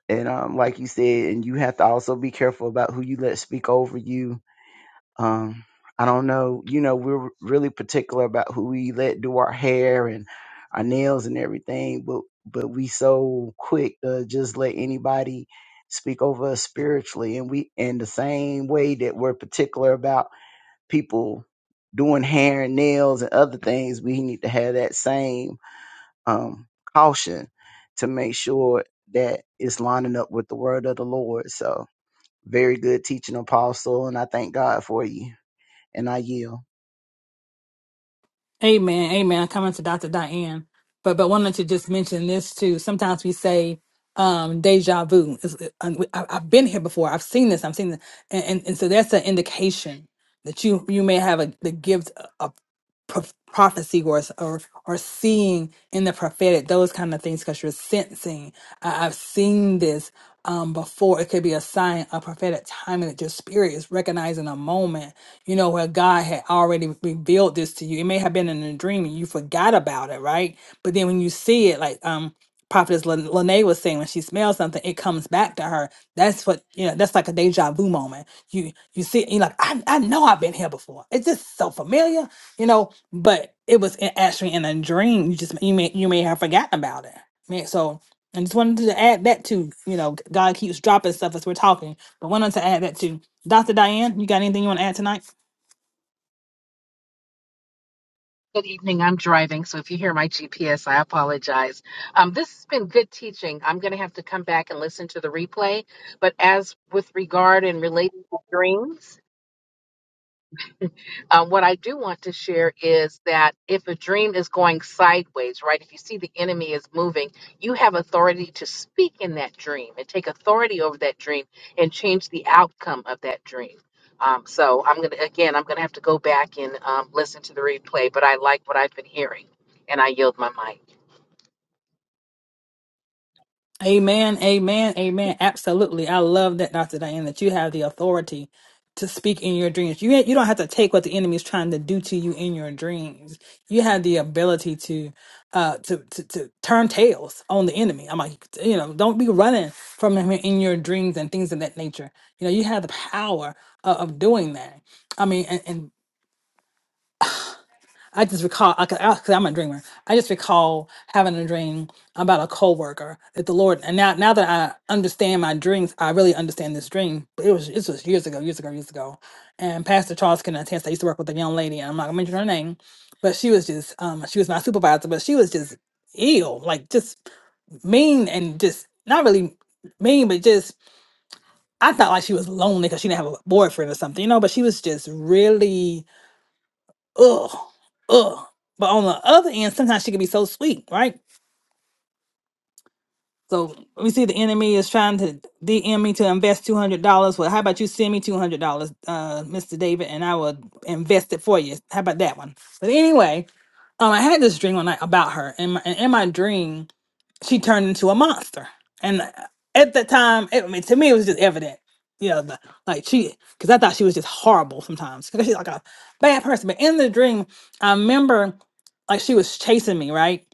And um, like you said, and you have to also be careful about who you let speak over you Um, I don't know. You know, we're really particular about who we let do our hair and our nails and everything, but but we so quick to just let anybody speak over us spiritually, and we in the same way that we're particular about people doing hair and nails and other things, we need to have that same um, caution to make sure that it's lining up with the word of the Lord. So, very good teaching, Apostle, and I thank God for you and I yield.
Amen. Amen. I'm coming to Dr. Diane. But but wanted to just mention this too. Sometimes we say um deja vu. It's- I, have been here before. I've seen this. I've seen this. And, and, and so that's an indication that you you may have a, the gift of prof- prophecy or, s- or or seeing in the prophetic those kind of things because you're sensing I, I've seen this um, before it could be a sign, a prophetic timing that your spirit is recognizing a moment, you know, where God had already revealed this to you. It may have been in a dream and you forgot about it, right? But then when you see it, like um, Prophetess Lin- Lene was saying, when she smells something, it comes back to her. That's what you know. That's like a deja vu moment. You you see, it, you're like, I I know I've been here before. It's just so familiar, you know. But it was in, actually in a dream. You just you may you may have forgotten about it. Man, So and just wanted to add that to, you know, God keeps dropping stuff as we're talking, but wanted to add that to. Dr. Diane, you got anything you want to add tonight?
Good evening. I'm driving, so if you hear my GPS, I apologize. Um, this has been good teaching. I'm going to have to come back and listen to the replay. But as with regard and related to dreams, um, what I do want to share is that if a dream is going sideways, right, if you see the enemy is moving, you have authority to speak in that dream and take authority over that dream and change the outcome of that dream. Um, so I'm going to, again, I'm going to have to go back and um, listen to the replay, but I like what I've been hearing and I yield my mic.
Amen, amen, amen. Absolutely. I love that, Dr. Diane, that you have the authority to speak in your dreams. You, you don't have to take what the enemy is trying to do to you in your dreams. You have the ability to uh to, to to turn tails on the enemy. I'm like, you know, don't be running from him in your dreams and things of that nature. You know, you have the power of, of doing that. I mean, and, and I just recall, I, because I'm a dreamer. I just recall having a dream about a coworker that the Lord, and now now that I understand my dreams, I really understand this dream. But it was this was years ago, years ago, years ago. And Pastor Charles can attest. I used to work with a young lady, and I'm not gonna mention her name, but she was just, um, she was my supervisor, but she was just ill, like just mean and just not really mean, but just I thought like she was lonely because she didn't have a boyfriend or something, you know. But she was just really ugh, ugh. But on the other end, sometimes she can be so sweet, right? So we see the enemy is trying to DM me to invest two hundred dollars. Well, how about you send me two hundred dollars, uh, Mister David, and I will invest it for you. How about that one? But anyway, um, I had this dream one night about her, and, my, and in my dream, she turned into a monster. And at that time, it, I mean, to me, it was just evident. You know, the, like she, because I thought she was just horrible sometimes because she's like a bad person. But in the dream, I remember like she was chasing me, right?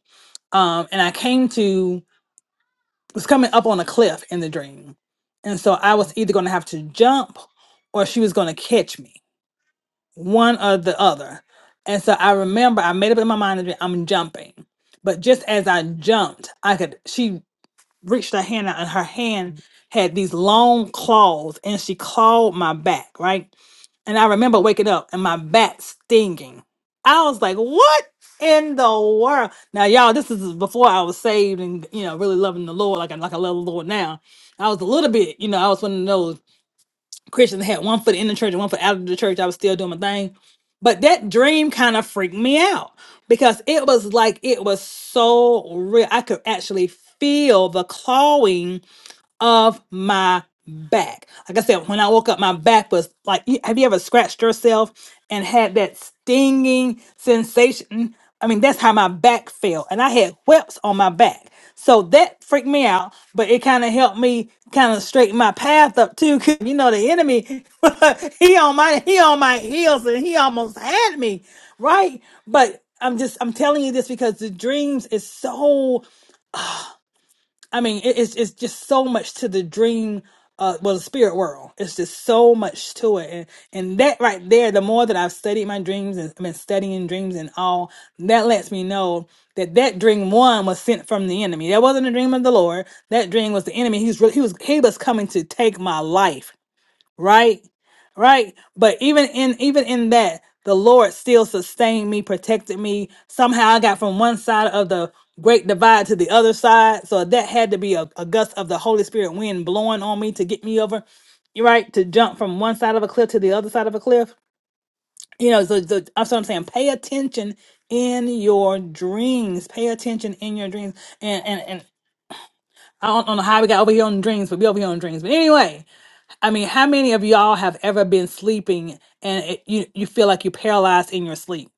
Um, and I came to was coming up on a cliff in the dream, and so I was either going to have to jump or she was going to catch me, one or the other. And so I remember I made up in my mind that I'm jumping, but just as I jumped, I could. She reached her hand out and her hand had these long claws and she clawed my back, right? And I remember waking up and my back stinging. I was like, what in the world? Now, y'all, this is before I was saved and, you know, really loving the Lord like I, like I love the Lord now. I was a little bit, you know, I was one of those. Christians I had one foot in the church and one foot out of the church. I was still doing my thing. But that dream kind of freaked me out because it was like it was so real. I could actually feel the clawing of my back. Like I said, when I woke up, my back was like, you- have you ever scratched yourself and had that stinging sensation? I mean, that's how my back felt. And I had whelps on my back. So that freaked me out, but it kind of helped me kind of straighten my path up too. 'cause you know, the enemy, he on my, he on my heels and he almost had me. Right. But I'm just, I'm telling you this because the dreams is so I mean, it, it's it's just so much to the dream, uh, well, the spirit world. It's just so much to it, and and that right there, the more that I've studied my dreams and been studying dreams and all, that lets me know that that dream one was sent from the enemy. That wasn't a dream of the Lord. That dream was the enemy. He's really, he was he was coming to take my life right right but even in even in that the lord still sustained me protected me somehow i got from one side of the great divide to the other side so that had to be a, a gust of the holy spirit wind blowing on me to get me over you right to jump from one side of a cliff to the other side of a cliff you know so, so that's what i'm saying pay attention in your dreams pay attention in your dreams and and, and I don't, I don't know how we got over here on dreams, but we over here on dreams. But anyway, I mean, how many of y'all have ever been sleeping and it, you you feel like you're paralyzed in your sleep?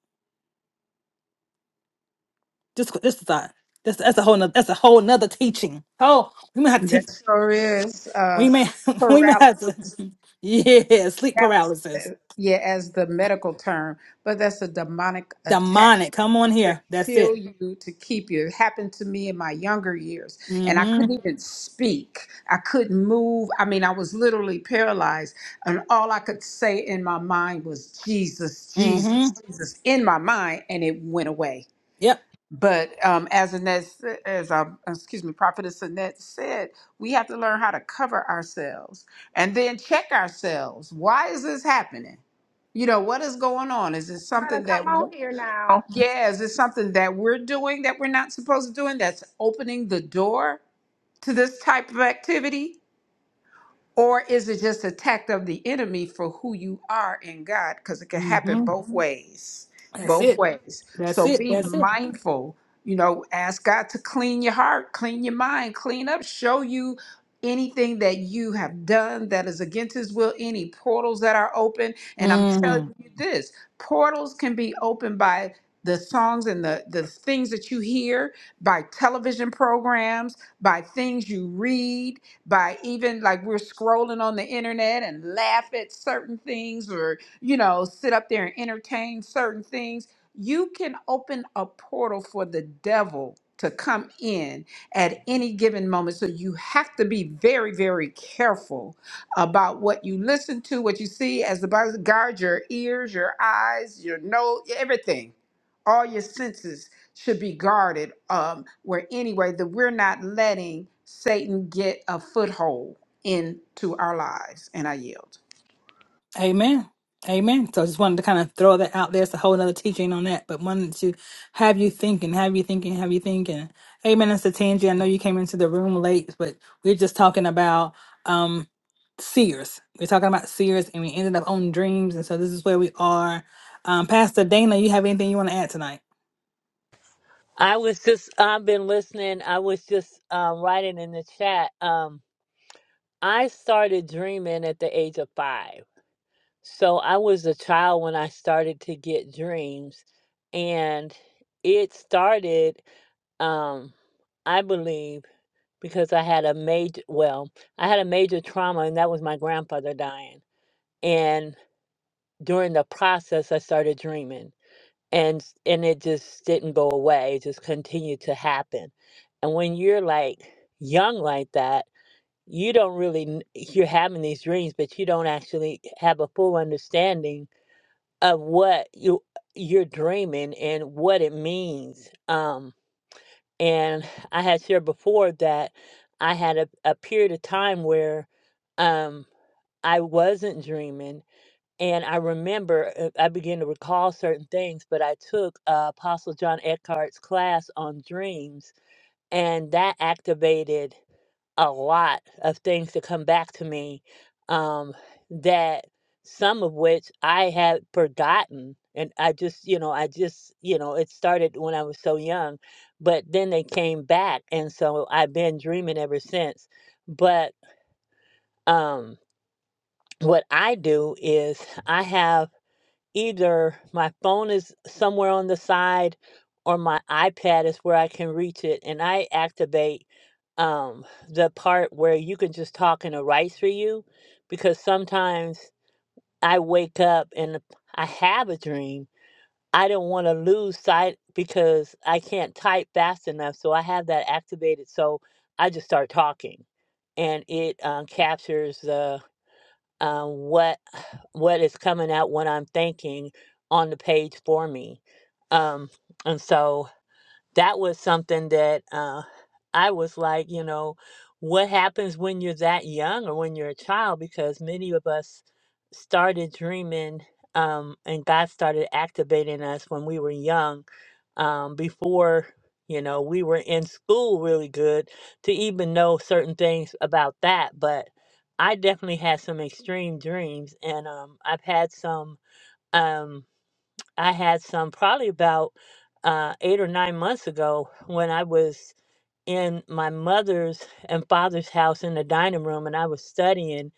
Just this is a that's that's a whole nother, that's a whole nother teaching. Oh, we may have to
That
teach.
sure is uh,
We may we may have to.
paralysis.
Yeah, sleep paralysis,
Paralysis, yeah, as the medical term, but that's a demonic attack
demonic. Come on
to
here. That's
kill
it.
you, to keep you. It happened to me in my younger years, and I
Mm-hmm.
couldn't even speak. I couldn't move. I mean, I was literally paralyzed, and all I could say in my mind was Jesus,
Mm-hmm.
Jesus, Jesus in my mind, and it went away.
Yep.
But um, as Annette, s- as our, excuse me, Prophetess Annette said, we have to learn how to cover ourselves and then check ourselves. Why is this happening? You know, what is going on? Is it
You better
something
come
that,
out
w-
here now.
yeah, is it something that we're doing that we're not supposed to doing that's opening the door to this type of activity? Or is it just attack of the enemy for who you are in God? Because it can happen
Mm-hmm.
both ways.
That's
Both
it.
ways.
That's
So
it.
be
That's it.
mindful. You know, ask God to clean your heart, clean your mind, clean up, show you anything that you have done that is against his will, any portals that are open. And I'm
Mm-hmm.
telling you this portals can be opened by the songs and the, the things that you hear, by television programs, by things you read by even like we're scrolling on the internet and laugh at certain things or, you know, sit up there and entertain certain things. You can open a portal for the devil to come in at any given moment. So you have to be very, very careful about what you listen to, what you see, as the Bible says, guard your ears, your eyes, your nose, everything all your senses should be guarded um where anyway that we're not letting satan get a foothold into our lives and i yield
Amen. Amen. So I just wanted to kind of throw that out there. It's a whole other teaching on that, but wanted to have you thinking, have you thinking, have you thinking. Amen. Mr. Tangi, I know you came into the room late, but we're just talking about um seers. We're talking about seers and we ended up on dreams. And so this is where we are. Um, Pastor Dana, you have anything you want to add tonight?
I was just, I've been listening. I was just um, writing in the chat. Um, I started dreaming at the age of five. So I was a child when I started to get dreams. And it started, um, I believe, because I had a major, well, I had a major trauma, and that was my grandfather dying. And during the process, I started dreaming and s- and it just didn't go away it just continued to happen and when you're like young like that you don't really kn- you're having these dreams but you don't actually have a full understanding of what you you're dreaming and what it means um and i had shared before that i had a, a period of time where um i wasn't dreaming and I remember, uh, I began to recall certain things, but I took uh, Apostle John Eckhart's class on dreams, and that activated a lot of things to come back to me um, that some of which I had forgotten. And I just, you know, I just, you know, it started when I was so young, but then they came back. And so I've been dreaming ever since. But um, what I do is I have either my phone is somewhere on the side or my iPad is where I can reach it. And I activate um, the part where you can just talk and it writes for you because sometimes I wake up and I have a dream. I don't want to lose sight because I can't type fast enough. So I have that activated. So I just start talking and it um, captures the uh, what what is coming out, what I'm thinking on the page for me. Um, and so that was something that uh, I was like, you know, what happens when you're that young or when you're a child? Because many of us started dreaming um, and God started activating us when we were young um, before you know we were in school really good to even know certain things about that but i definitely had some extreme dreams and um, i've had some um, i had some probably about uh, eight or nine months ago when i was in my mother's and father's house in the dining room and i was studying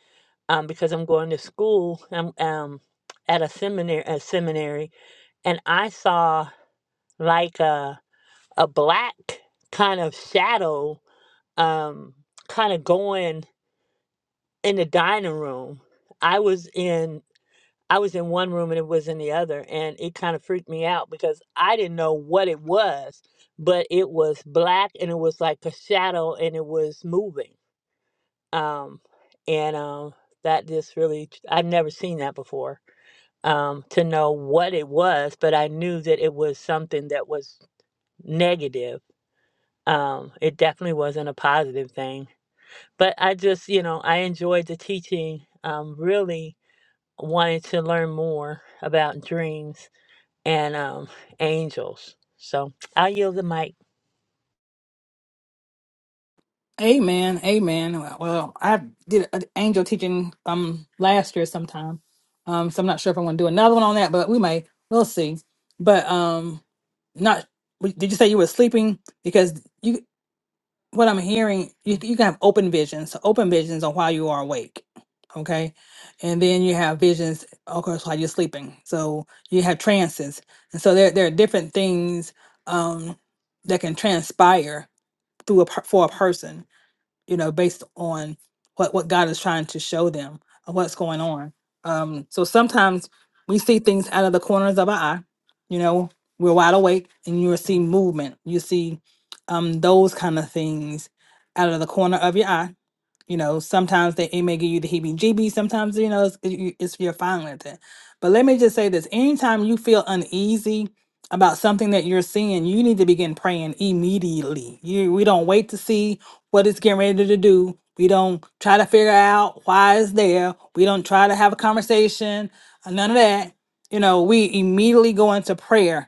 um, because i'm going to school um, um, at a seminary, a seminary and i saw like a a black kind of shadow um kind of going in the dining room i was in i was in one room and it was in the other and it kind of freaked me out because i didn't know what it was but it was black and it was like a shadow and it was moving um and um that just really i've never seen that before um to know what it was but i knew that it was something that was negative um, it definitely wasn't a positive thing. But I just, you know, I enjoyed the teaching. Um, really wanted to learn more about dreams and um, angels. So I yield the mic.
Amen. Amen. Well, I did an angel teaching um last year sometime. Um, so I'm not sure if I'm gonna do another one on that, but we may. We'll see. But um, not. Did you say you were sleeping? Because you what I'm hearing, you, you can have open visions. So open visions on while you are awake. Okay. And then you have visions, of course, while you're sleeping. So you have trances. And so there, there are different things um, that can transpire through a, per- for a person you know, based on what what God is trying to show them of what's going on. Um, so sometimes we see things out of the corners of our eye. You know, we're wide awake, and you will see movement. You see um, those kind of things out of the corner of your eye. You know, sometimes they it may give you the heebie-jeebies. Sometimes you know it's, it- you- it's you're fine with it. But let me just say this: anytime you feel uneasy about something that you're seeing, you need to begin praying immediately. You we don't wait to see what it's getting ready to do. We don't try to figure out why it's there. We don't try to have a conversation. uh, None of that. You know, we immediately go into prayer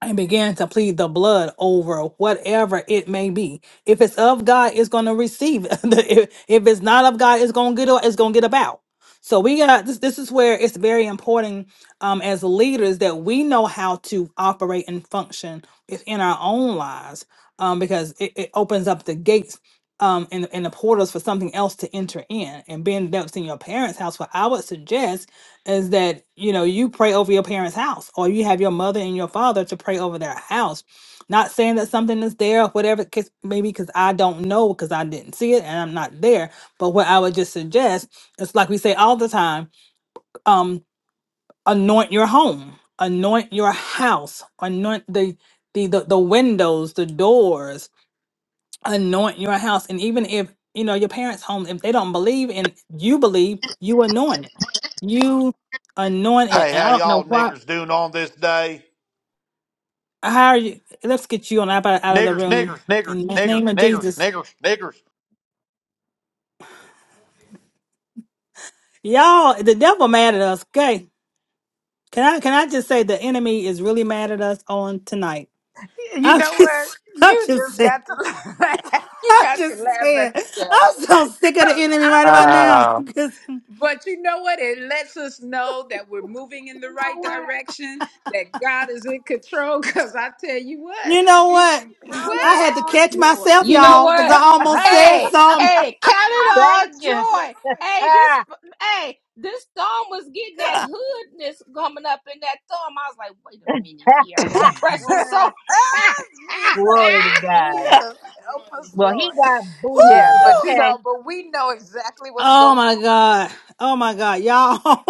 and begin to plead the blood over whatever it may be. If it's of God, it's going to receive. if, if it's not of God, it's going to get it's going to get about. So we got this. This is where it's very important um, as leaders that we know how to operate and function in our own lives, um, because it, it opens up the gates um, and, and the portals for something else to enter in. And being that's in your parents' house, what I would suggest is that you know you pray over your parents' house or you have your mother and your father to pray over their house not saying that something is there or whatever case maybe because i don't know because i didn't see it and i'm not there but what i would just suggest is like we say all the time um anoint your home anoint your house anoint the the the, the windows the doors anoint your house. And even if, you know, your parents' home, if they don't believe and you believe, you anoint it. You anoint it.
Hey, how
And I don't know
y'all
why.
niggers doing on this day?
How are you? Let's get you on up out out of the
Niggers,
room
niggers, niggers,
in the
niggers,
name of
niggers,
Jesus.
niggers, niggers.
Y'all, the devil mad at us. Okay. Can I can I just say the enemy is really mad at us on tonight?
You
I'm
know what?
just I'm
You
just
just
saying.
got to laugh. You
I'm
got to
just
laugh
saying.
at the devil.
I'm so sick of the
Because
enemy
I'm
right about
telling
now.
you.
Wow.
But you know what? It lets us know that we're moving in the
You
right
know what?
direction, that God is in control. Because I tell you what,
You know
he-
what? I had
what?
to catch
all joy.
myself,
You know
y'all, because
what?
I almost said
Hey,
something.
hey, count it all
Yeah.
joy. Hey, this
Ah,
hey, this thumb was getting that hoodness coming up in that thumb. I was like, wait a minute
ah,
here. I was
ah,
pressing
Ah,
so
ah. Glory to
Jesus,
God.
Jesus, help us,
Well, he
Lord.
got
Yeah,
booted,
but
Woo!
you know,
okay?
but we know exactly what's
Oh
going
my God. Oh my God, y'all.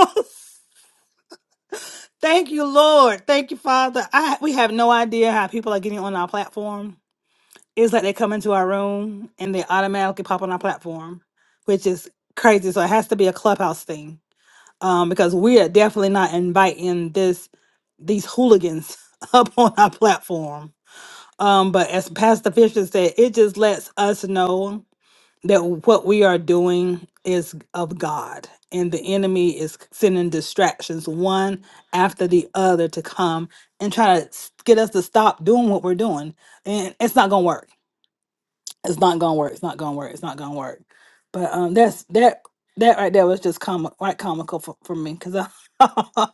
Thank you, Lord. Thank you, Father. I we have no idea how people are getting on our platform. It's like they come into our room and they automatically pop on our platform, which is crazy. So it has to be a clubhouse thing. Um, because we are definitely not inviting this these hooligans up on our platform. Um, but as Pastor Fisher said, it just lets us know that what we are doing is of God, and the enemy is sending distractions one after the other to come and try to s- get us to stop doing what we're doing, and it's not gonna work it's not gonna work. It's not gonna work. It's not gonna work. But um, that's that that right there was just comic, right comical for, for me because I,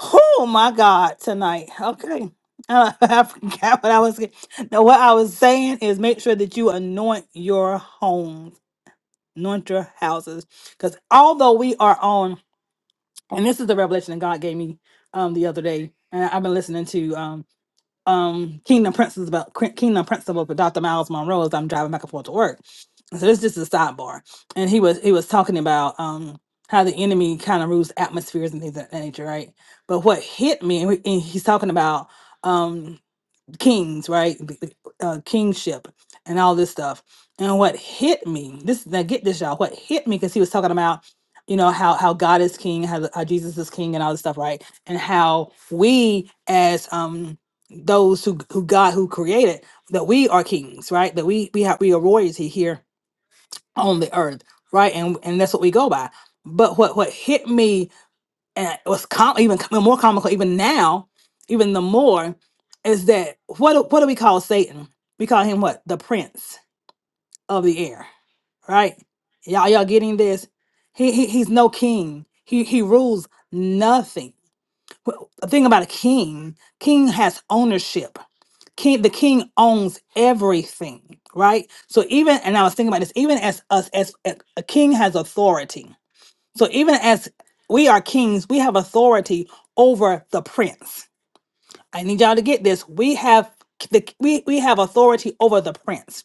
oh my god, tonight. Okay, I, I forgot what I was. get- No, what I was saying is make sure that you anoint your homes, anoint your houses, because although we are on, and this is the revelation that God gave me um the other day, and I've been listening to um, um Kingdom Principles about Kingdom Principles with Dr. Miles Monroe as I'm driving back and forth to work. So this just is a sidebar. And he was he was talking about um how the enemy kind of rules atmospheres and things of that nature, right? But what hit me, and, we, and he's talking about um, kings, right? b- b- Uh, kingship and all this stuff. And what hit me, this now get this, y'all. What hit me because he was talking about, you know, how how God is king, how, the- how Jesus is king, and all this stuff, right? And how we as um those who who God who created that we are kings, right? That we we have we are royalty here on the earth, right? And and that's what we go by. But what what hit me and what's com- even com- more comical even now even the more is that what do- what do we call satan we call him what the prince of the air right y'all y'all getting this he, he he's no king he he rules nothing Wh- the thing about a king king has ownership king the king owns everything right so even and i was thinking about this even as us as, as a king has authority so even as we are kings, we have authority over the prince. I need y'all to get this. We have the we we have authority over the prince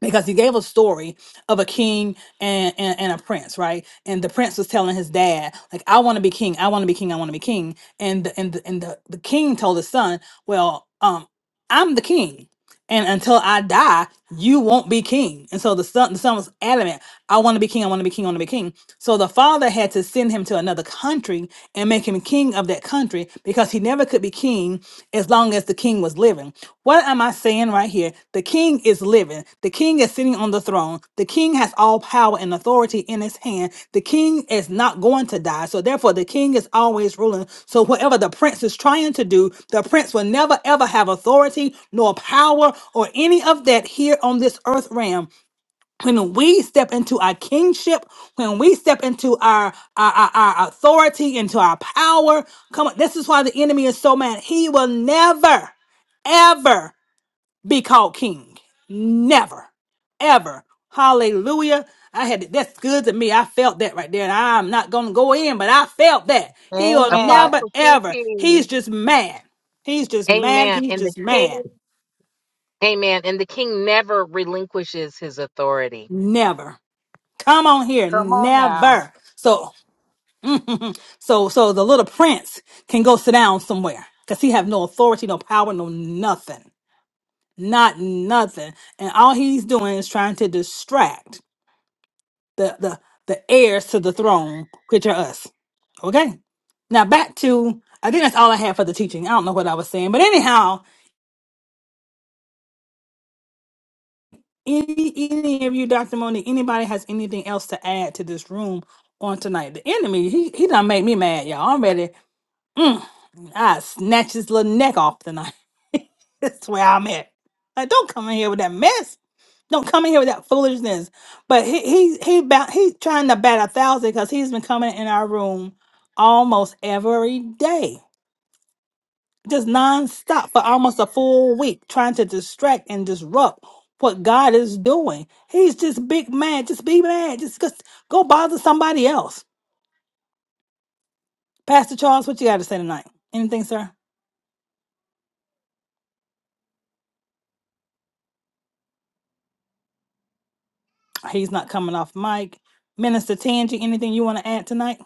because he gave a story of a king and, and and a prince right and the prince was telling his dad like i want to be king i want to be king i want to be king and the, and the, and the, the king told his son well um i'm the king and until i die you won't be king and so the son the son was adamant i want to be king i want to be king i want to be king so the father had to send him to another country and make him king of that country because he never could be king as long as the king was living what am i saying right here the king is living. The king is sitting on the throne. The king has all power and authority in his hand. The king is not going to die. So therefore, the king is always ruling. So whatever the prince is trying to do, the prince will never ever have authority nor power or any of that here on this earth realm. When we step into our kingship, when we step into our, our, our, our authority, into our power, come on, this is why the enemy is so mad. He will never, ever be called king. Never, ever. Hallelujah. I had that's good to me. I felt that right there. And I'm not gonna go in, but I felt that.
on.
He'll
Amen.
never
Apostle
ever. He's
TP.
just mad. He's just mad.
Amen.
He's
And the
just mad.
king. Amen. And the king never relinquishes his authority.
Never. Come on here.
Come on now.
Never. So so so the little prince can go sit down somewhere. Cause he have no authority, no power, no nothing. Not nothing. And all he's doing is trying to distract the the the heirs to the throne, which are us. Okay. Now back to I think that's all I had for the teaching. I don't know what I was saying, but anyhow, any any of you, Doctor Moni, anybody has anything else to add to this room on tonight? The enemy, he he done made me mad, y'all. I'm ready. Mm, I snatch his little neck off tonight. That's where I'm at. Like, don't come in here with that mess. Don't come in here with that foolishness. But he he he ba- he trying to bat a thousand because he's been coming in our room almost every day, just nonstop for almost a full week, trying to distract and disrupt what God is doing. He's just big mad. Just be mad. Just, just go bother somebody else. Pastor Charles, what you got to say tonight? Anything, sir? He's not coming off mic. Minister Tangi, anything you want to add tonight?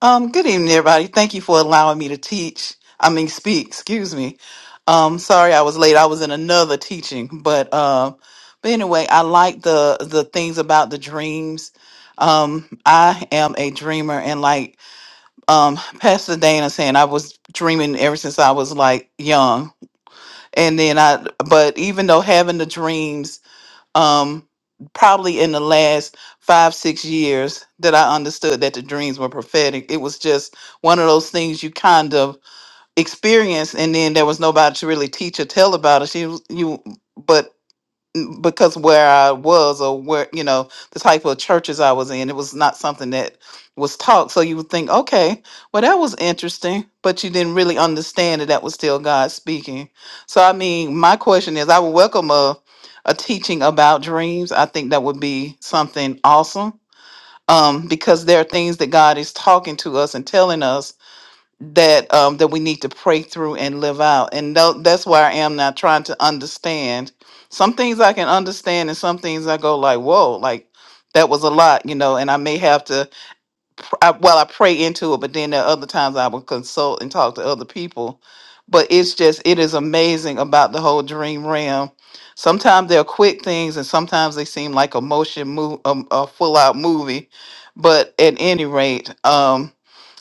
Um, good evening, everybody. Thank you for allowing me to teach. I mean, speak. Excuse me. Um, sorry, I was late. I was in another teaching, but um, but anyway, I like the the things about the dreams. Um, I am a dreamer, and like um, Pastor Dana saying, I was dreaming ever since I was like young, and then I. But even though having the dreams um, probably in the last five, six years that I understood that the dreams were prophetic. It was just one of those things you kind of experience, and then there was nobody to really teach or tell about it. She was, you, but n- because where I was or where you know the type of churches I was in, it was not something that was taught. So you would think, okay, well that was interesting, but you didn't really understand that that was still God speaking. So I mean, my question is, I would welcome a a teaching about dreams. I think that would be something awesome. Um, because there are things that God is talking to us and telling us that um that we need to pray through and live out and tho- that's where i am now trying to understand some things i can understand and some things i go like whoa like that was a lot you know and i may have to pr- I, well i pray into it but then there are other times i will consult and talk to other people but it's just it is amazing about the whole dream realm sometimes they're quick things and sometimes they seem like a motion move um, a full out movie but at any rate um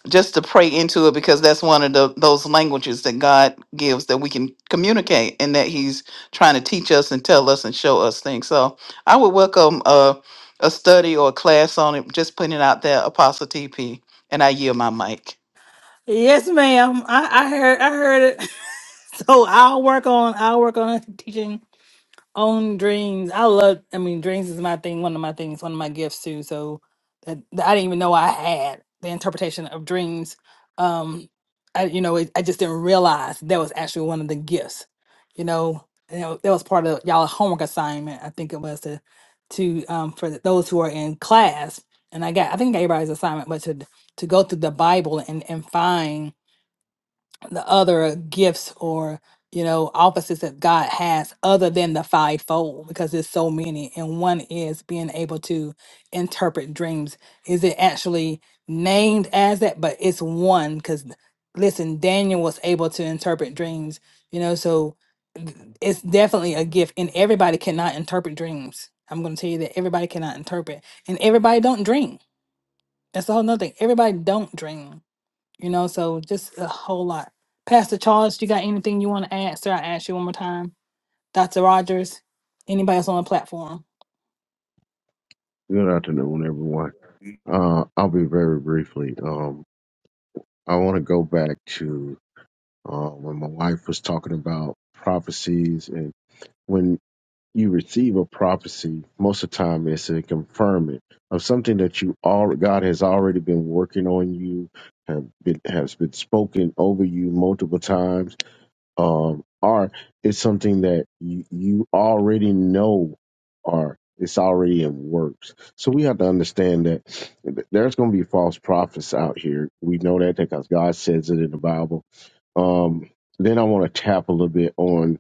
just to pray into it because that's one of the those languages that God gives that we can communicate and that He's trying to teach us and tell us and show us things. So I would welcome a, a study or a class on it, just putting it out there, Apostle TP, and I yield my mic.
Yes, ma'am. I, I heard I heard it. So I'll work on I'll work on teaching on dreams. I love I mean dreams is my thing, one of my things, one of my gifts too. So that, that I didn't even know I had the interpretation of dreams. Um I you know, it, I just didn't realize that was actually one of the gifts. You know, and that that was part of y'all homework assignment. I think it was to to um for those who are in class. And I got I think I gave everybody's assignment, but to to go through the Bible and and find the other gifts or you know offices that god has other than the fivefold because there's so many and one is being able to interpret dreams is it actually named as that but it's one because listen daniel was able to interpret dreams you know so th- it's definitely a gift and everybody cannot interpret dreams i'm going to tell you that everybody cannot interpret and everybody don't dream that's the whole nother thing everybody don't dream you know, so just a whole lot. Pastor Charles, you got anything you want to add, sir? I asked you one more time. Dr. Rogers, anybody else on the platform?
Good afternoon, everyone. Uh, I'll be very briefly. Um, I want to go back to uh, when my wife was talking about prophecies, and when you receive a prophecy, most of the time it's a confirmation of something that you all God has already been working on you, have been has been spoken over you multiple times um, are, it's something that you, you already know are, it's already in works. So we have to understand that th- there's going to be false prophets out here. We know that because God says it in the Bible. Um, then I want to tap a little bit on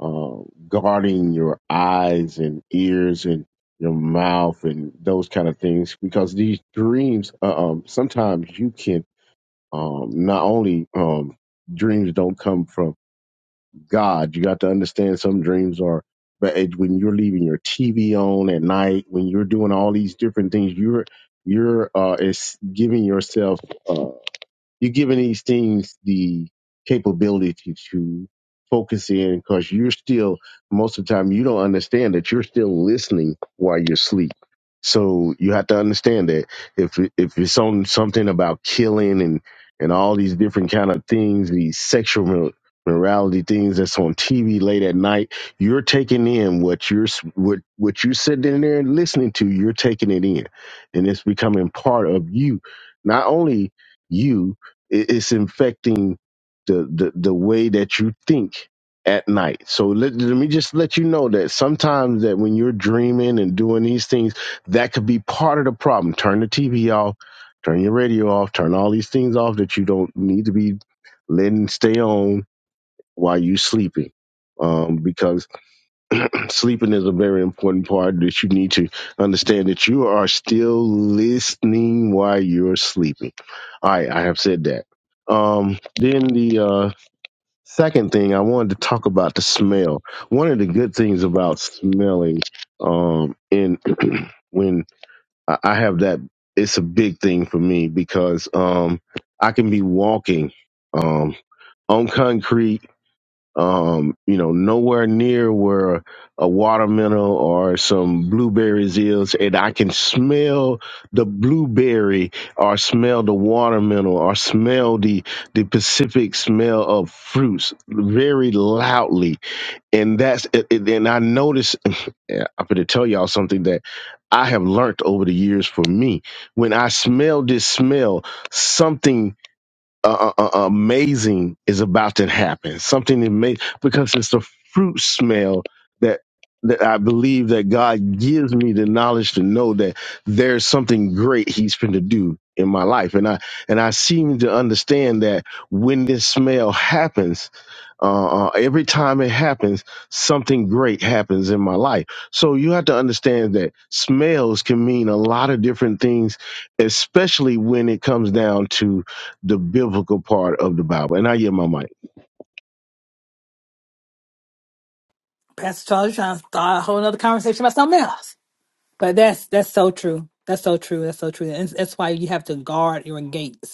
uh, guarding your eyes and ears and your mouth and those kind of things because these dreams uh, um, sometimes you can um, not only um, dreams don't come from God. You got to understand some dreams are, but it- when you're leaving your TV on at night, when you're doing all these different things, you're you're uh, is giving yourself. uh, you're giving these things the capability to focus in because you're still, most of the time, you don't understand that you're still listening while you're asleep. So you have to understand that if if it's on something about killing and and all these different kind of things, these sexual mor- morality things that's on TV late at night, you're taking in what you're s- what what you're sitting there and listening to. You're taking it in, and it's becoming part of you. Not only you, it- It's infecting the, the the way that you think at night. So let, let me just let you know that sometimes that when you're dreaming and doing these things, that could be part of the problem. Turn the TV off, turn your radio off, turn all these things off that you don't need to be letting stay on while you're sleeping. Um, because Sleeping is a very important part that you need to understand that you are still listening while you're sleeping. All right, I have said that. Um, then the uh, second thing I wanted to talk about the smell. One of the good things about smelling, um, in when I I have that, it's a big thing for me because um, I can be walking um, on concrete um, you know, nowhere near where a watermelon or some blueberries is, and I can smell the blueberry or smell the watermelon or smell the the Pacific smell of fruits very loudly, and that's it, it- and I notice. I'm going to tell y'all something that I have learned over the years. For me, when I smell this smell, something uh, uh, uh, amazing is about to happen. Something amazing because it's the fruit smell that that I believe that God gives me the knowledge to know that there's something great He's going to do in my life, and I and I seem to understand that when this smell happens. Uh, uh, every time it happens, something great happens in my life. So you have to understand that smells can mean a lot of different things, especially when it comes down to the biblical part of the Bible. And I hear my mic.
Pastor Charles, you're trying to start a whole other conversation about something else. But that's that's so true. That's so true. That's so true. And that's why you have to guard your gates.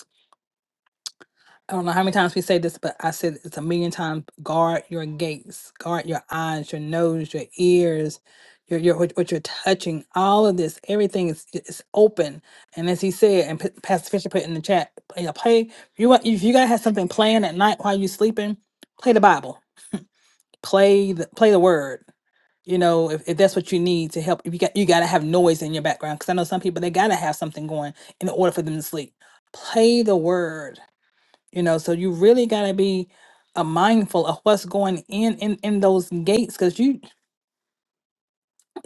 I don't know how many times we say this, but I said it's a million times. Guard your gates, guard your eyes, your nose, your ears, your your what, what you're touching. All of this, everything is is open. And as he said, and P- Pastor Fisher put in the chat, play, a play you want if you gotta have something playing at night while you're sleeping, play the Bible, play the play the Word. You know, if, if that's what you need to help, if you got you gotta have noise in your background because I know some people they gotta have something going in order for them to sleep. Play the Word you know so you really got to be uh, mindful of what's going in in in those gates because you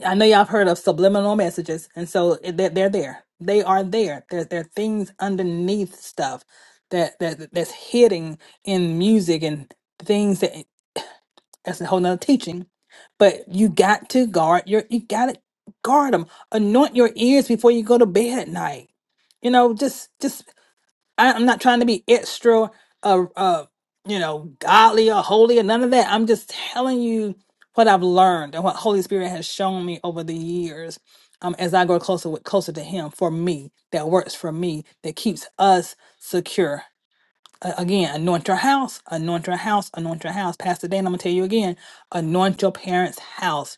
i know y'all have heard of subliminal messages and so it- they're, they're there they are there there there are things underneath stuff that that that's hidden in music and things that that's a whole nother teaching but you got to guard your you got to guard them anoint your ears before you go to bed at night you know just just I, I'm not trying to be extra, uh, uh, you know, godly or holy or none of that. I'm just telling you what I've learned and what Holy Spirit has shown me over the years. Um, as I grow closer with closer to Him, for me, that works for me, that keeps us secure. A- again, anoint your house, anoint your house, anoint your house. Pastor Dan, I'm gonna tell you again, anoint your parents' house.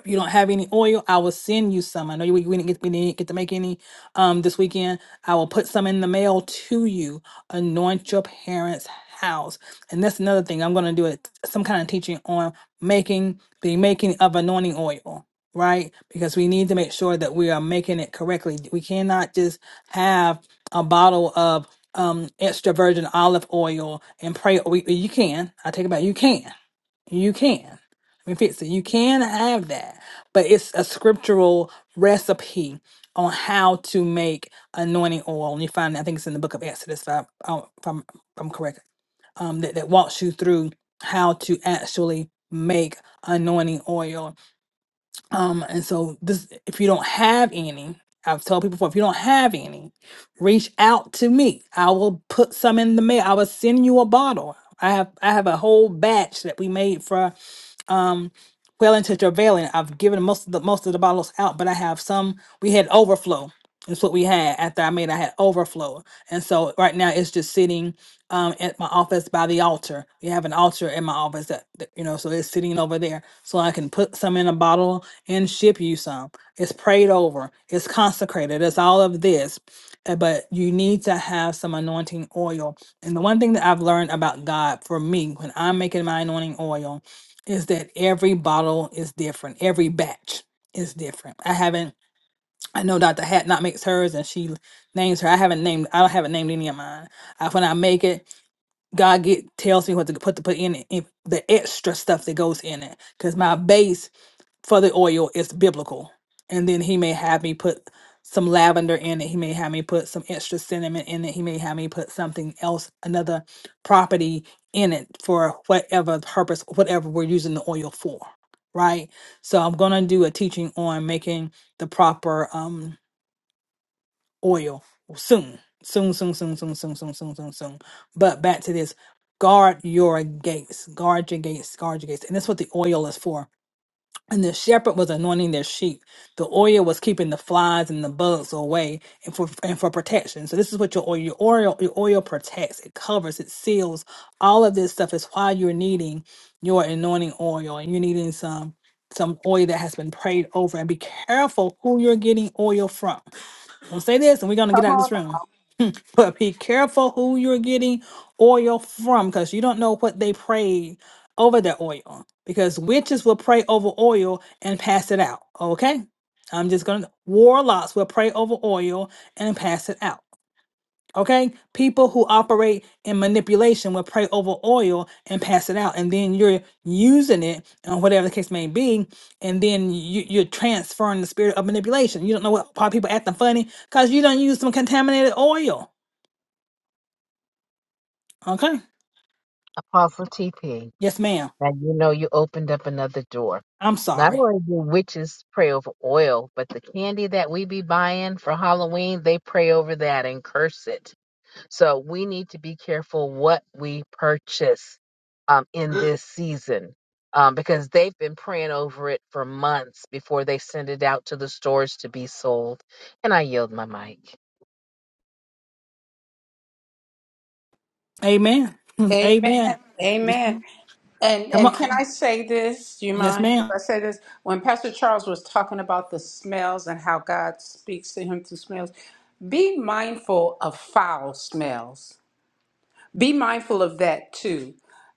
If you don't have any oil, I will send you some. I know you we didn't get we didn't get to make any um this weekend. I will put some in the mail to you. Anoint your parents' house. And that's another thing. I'm gonna do it some kind of teaching on making the making of anointing oil, right? Because we need to make sure that we are making it correctly. We cannot just have a bottle of um extra virgin olive oil and pray we, you can i take it back you can you can. Let me fix it. You can have that, but it's a scriptural recipe on how to make anointing oil. And you find, I think it's in the book of Exodus, if, I, oh, if, I'm, if I'm correct, um, that, that walks you through how to actually make anointing oil. Um, and so this, if you don't have any, I've told people before, if you don't have any, reach out to me. I will put some in the mail. I will send you a bottle. I have I have a whole batch that we made for um well into travailing. I've given most of the most of the bottles out, but I have some we had overflow. That's what we had after I made I had overflow. And so right now it's just sitting um at my office by the altar. We have an altar in my office that, that you know, so it's sitting over there. So I can put some in a bottle and ship you some. It's prayed over. It's consecrated. It's all of this. uh, But you need to have some anointing oil. And the one thing that I've learned about God for me when I'm making my anointing oil is that every bottle is different. Every batch is different. I haven't I know Dr. Hat not makes hers and she names her. I haven't named I haven't named any of mine. I, when I make it, God get tells me what to put to put in it, if the extra stuff that goes in it, because my base for the oil is biblical. And then he may have me put some lavender in it. He may have me put some extra cinnamon in it. He may have me put something else, another property in it for whatever purpose, whatever we're using the oil for. Right. So I'm going to do a teaching on making the proper. um oil soon. Soon, soon, soon, soon, soon, soon, soon, soon, soon. But back to this guard your gates, guard your gates, guard your gates. And that's what the oil is for. And the shepherd was anointing their sheep. The oil was keeping the flies and the bugs away and for and for protection. So this is what your oil your oil your oil protects. It covers, it seals. All of this stuff is why you're needing your anointing oil and you're needing some some oil that has been prayed over and be careful who you're getting oil from gonna say this and we're gonna get
Come
out of
on
this room. But be careful who you're getting oil from because you don't know what they prayed over their oil. Because witches will pray over oil and pass it out. Okay? I'm just gonna warlocks will pray over oil and pass it out. Okay, people who operate in manipulation will pray over oil and pass it out, and then you're using it, and whatever the case may be, and then you, you're transferring the spirit of manipulation. You don't know what why people acting funny because you don't use some contaminated oil. Okay,
Apostle TP,
yes, ma'am.
now you know you opened up another door.
I'm
Not
sorry.
only do witches pray over oil, but the candy that we be buying for Halloween, they pray over that and curse it. So we need to be careful what we purchase um, in this season um, because they've been praying over it for months before they send it out to the stores to be sold. And I yield my mic.
Amen.
now. Amen.
Amen.
Amen. And
Come
and
on.
can I say this? Do you
Yes,
mind if
ma'am.
I say this? When Pastor Charles was talking about the smells and how God speaks to him through smells, be mindful of foul smells be mindful of that too.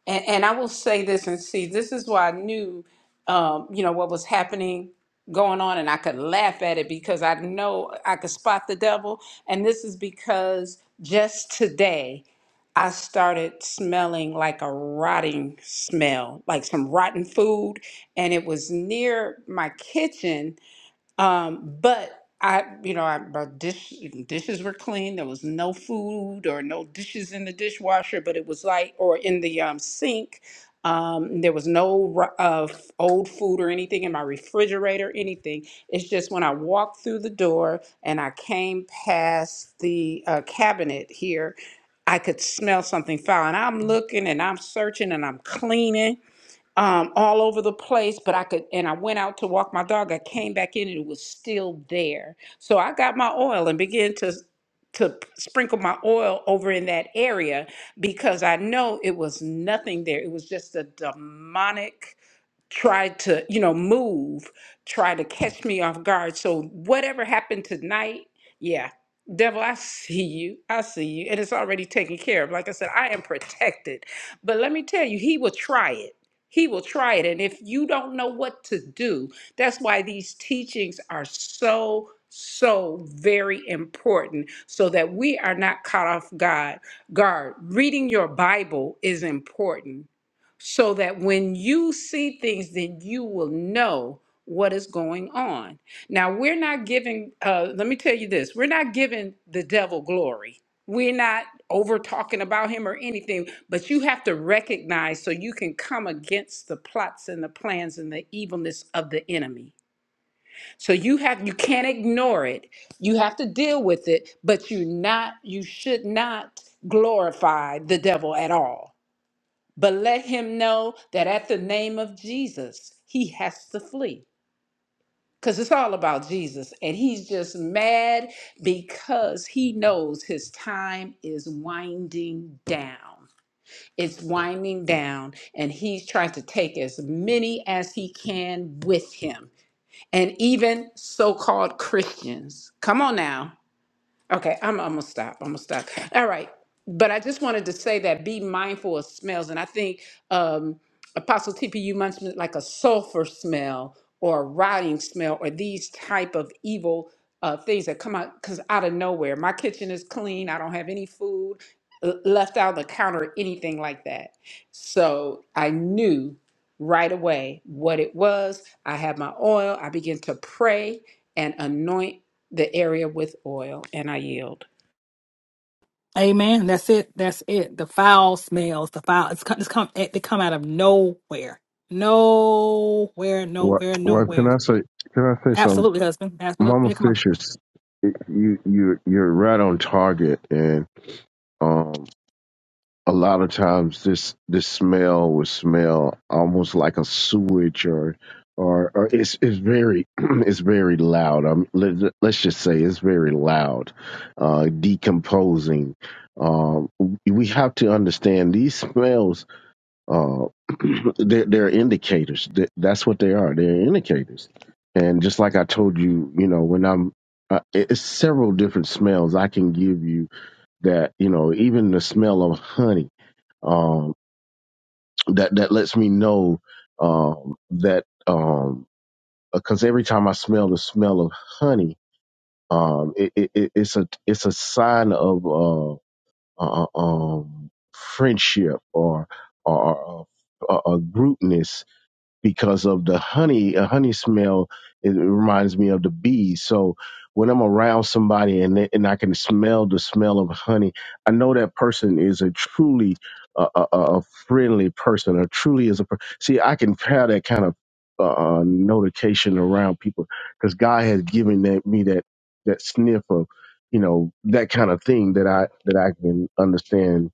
And, and I will say this and see, this is why I knew, um, you know, what was happening going on, and I could laugh at it because I know I could spot the devil. And this is because just today, I started smelling like a rotting smell, like some rotten food, and it was near my kitchen um, but I, you know, I, my dish, dishes were clean. There was no food or no dishes in the dishwasher, but it was like, or in the um, sink. Um, there was no r- uh, f- old food or anything in my refrigerator, anything. It's just when I walked through the door and I came past the uh, cabinet here, I could smell something foul. And I'm looking and I'm searching and I'm cleaning um, all over the place, but I could, and I went out to walk my dog. I came back in and it was still there. So I got my oil and began to to sprinkle my oil over in that area because I know it was nothing there. It was just a demonic tried to, you know, move, try to catch me off guard. So whatever happened tonight, yeah, devil, I see you. I see you. And it's already taken care of. Like I said, I am protected. But let me tell you, he will try it. He will try it. And if you don't know what to do, that's why these teachings are so, so very important so that we are not caught off guard. Guard, reading your Bible is important so that when you see things, then you will know what is going on. Now, we're not giving, uh, let me tell you this we're not giving the devil glory. We're not over talking about him or anything, but you have to recognize so you can come against the plots and the plans and the evilness of the enemy. So you have you can't ignore it. You have to deal with it, but you not you should not glorify the devil at all but let him know that at the name of Jesus, he has to flee. Because it's all about Jesus. And he's just mad because he knows his time is winding down. It's winding down, and he's trying to take as many as he can with him. And even so called Christians. Come on now. Okay, I'm, I'm gonna stop. I'm gonna stop. All right, but I just wanted to say that be mindful of smells, and I think um, Apostle TP you mentioned like a sulfur smell or a rotting smell or these type of evil uh, things that come out because out of nowhere. My kitchen is clean. I don't have any food l- left out on the counter or anything like that. So I knew right away what it was. I had my oil. I began to pray and anoint the area with oil, and I yield.
Amen. That's it. That's it. The foul smells. The foul. It's come. It's come. It, They come out of nowhere. Nowhere.
Well,
Nowhere.
well, can
Nowhere.
I say can I say something?
Absolutely, husband. Absolutely.
Mama
Yeah, Come on.
Fisher's you you you're right on target, and um, a lot of times this this smell will smell almost like a sewage or. Or, or it's it's very it's very loud. Um, let, let's just say it's very loud, uh, decomposing. Um, we have to understand these smells Uh, they're, they're indicators. Th- That's what they are. They're indicators. And just like I told you, you know, when I'm, uh, it- it's several different smells I can give you that, you know, even the smell of honey, um, that, that lets me know, um, that, um, because every time I smell the smell of honey, um, it, it, it- it's a, it's a sign of, uh, uh um, friendship or, or, or, uh, uh, groupness because of the honey. A honey smell it reminds me of the bees. So when I'm around somebody and they, and I can smell the smell of honey, I know that person is a truly uh, a, a, a friendly person. Or truly is a per- see. I can have that kind of uh, uh, notification around people because God has given that, me that that sniff of you know that kind of thing that I that I can understand.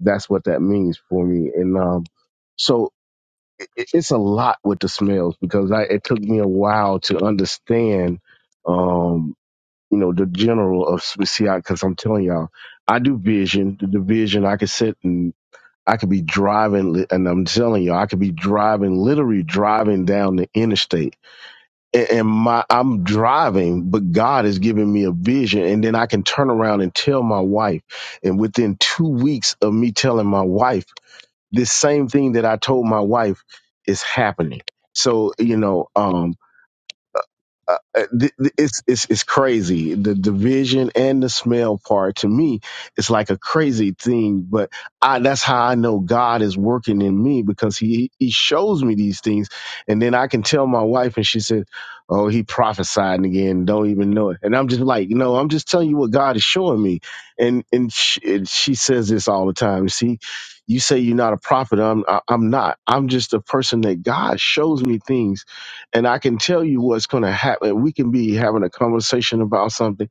That's what that means for me, and um, so it- it- it's a lot with the smells because I, it took me a while to understand, um, you know, the general of Smithsonian. Because I'm telling y'all, I do vision. The division, I could sit and I could be driving, li- and I'm telling you, all I could be driving, literally driving down the interstate, and, and my I'm driving, but God is giving me a vision, and then I can turn around and tell my wife, and within two weeks of me telling my wife. This same thing that I told my wife is happening. So, you know, um, uh, uh, th- th- it's it's it's crazy. The division and the smell part to me, it's like a crazy thing. But I that's how I know God is working in me because he he shows me these things, and then I can tell my wife, and she said, "Oh, he prophesied again. Don't even know it." And I'm just like, "No, I'm just telling you what God is showing me." And and she, and she says this all the time. See. You say you're not a prophet. I'm. I- I'm not. I'm just a person that God shows me things and I can tell you what's going to happen. We can be having a conversation about something,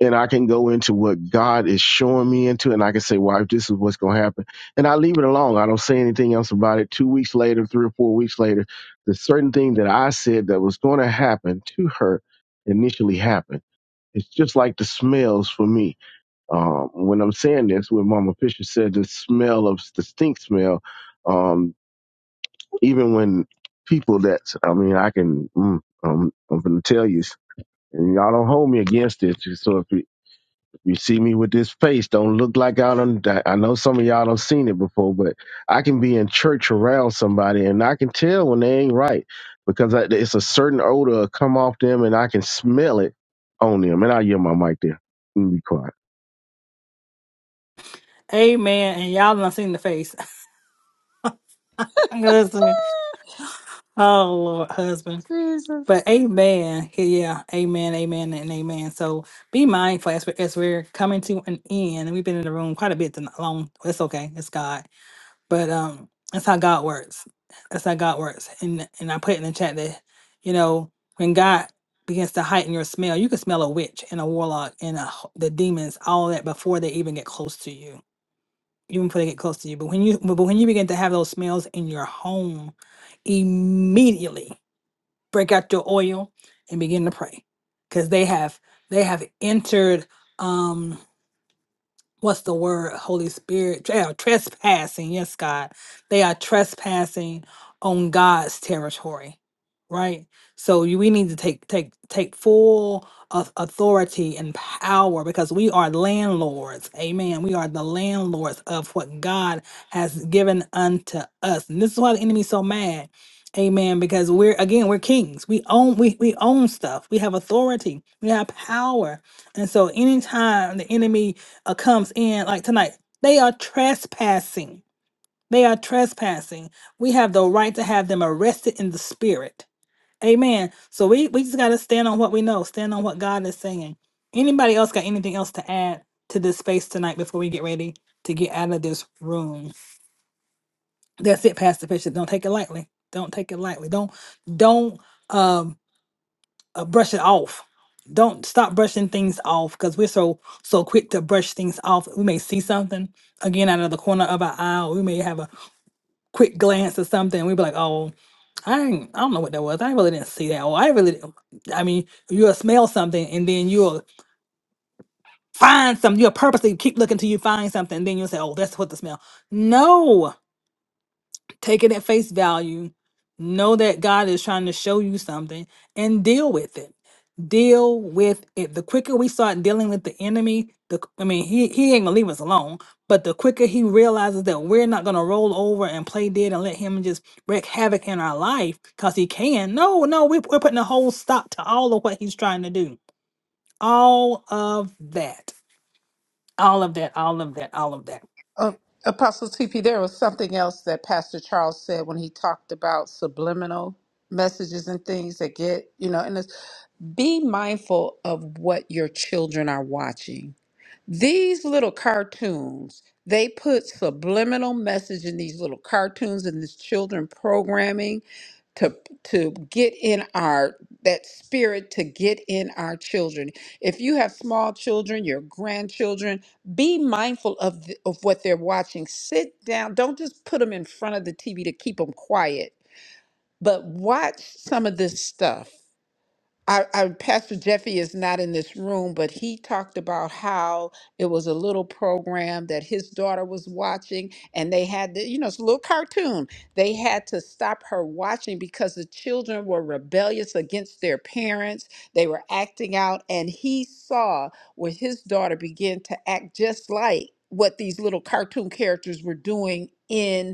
and I can go into what God is showing me into, and I can say, "Well, this is what's going to happen," and I leave it alone. I don't say anything else about it. Two weeks later, three or four weeks later, the certain thing that I said that was going to happen to her initially happened. It's just like the smells for me. Um, when I'm saying this, when Mama Fisher said the smell of the stink smell. um, even when people that I mean, I can mm, um, I'm gonna tell you, and y'all don't hold me against it. So if you, if you see me with this face, don't look like I don't. I know some of y'all don't seen it before, but I can be in church around somebody, and I can tell when they ain't right because I, it's a certain odor come off them, and I can smell it on them. And I hear my mic there. Let me be quiet.
Amen. And y'all not seen the face. i oh Lord, husband.
Jesus.
But amen. Yeah, amen, amen, and amen. So be mindful as we're, as we're coming to an end. And we've been in the room quite a bit tonight- long. It's okay. It's God. But um, that's how God works. That's how God works. And and I put in the chat that, you know, when God begins to heighten your smell, you can smell a witch and a warlock and a, h- the demons, all that before they even get close to you even before they get close to you. But when you but when you begin to have those smells in your home, immediately break out your oil and begin to pray, because they have they have entered. Um, what's the word holy spirit they are trespassing yes god they are trespassing on god's territory right so you- we need to take take take full au- authority and power because we are landlords amen we are the landlords of what god has given unto us and this is why the enemy's so mad amen because we're again we're kings we own we, we own stuff we have authority we have power and so anytime the enemy uh, comes in like tonight they are trespassing they are trespassing we have the right to have them arrested in the spirit amen so we we just got to stand on what we know stand on what god is saying anybody else got anything else to add to this space tonight before we get ready to get out of this room that's it pastor Bishop. don't take it lightly don't take it lightly don't don't um uh, brush it off. Don't stop brushing things off because we're so so quick to brush things off. We may see something again out of the corner of our eye. or We may have a quick glance at something. we be like, "Oh, I ain't, I don't know what that was. I really didn't see that. Or I really, didn't-" I mean, you'll smell something and then you'll find something. You'll purposely keep looking till you find something. And then you'll say, "Oh, that's what the smell." No, take it at face value know that god is trying to show you something and deal with it deal with it the quicker we start dealing with the enemy the I mean he, he ain't gonna leave us alone but the quicker he realizes that we're not gonna roll over and play dead and let him just wreak havoc in our life because he can no no we, we're putting a whole stop to all of what he's trying to do all of that all of that all of that all of that
Uh, Apostle TP, there was something else that Pastor Charles said when he talked about subliminal messages and things that get, you know, and it's be mindful of what your children are watching. these little cartoons they put subliminal message in these little cartoons and this children programming to to get in our that spirit to get in our children if you have small children your grandchildren be mindful of the, of what they're watching sit down don't just put them in front of the tv to keep them quiet but watch some of this stuff I, I, Pastor Jeffy is not in this room, but he talked about how it was a little program that his daughter was watching, and they had, to, you know, it's a little cartoon. They had to stop her watching because the children were rebellious against their parents. They were acting out, and he saw where his daughter began to act just like what these little cartoon characters were doing in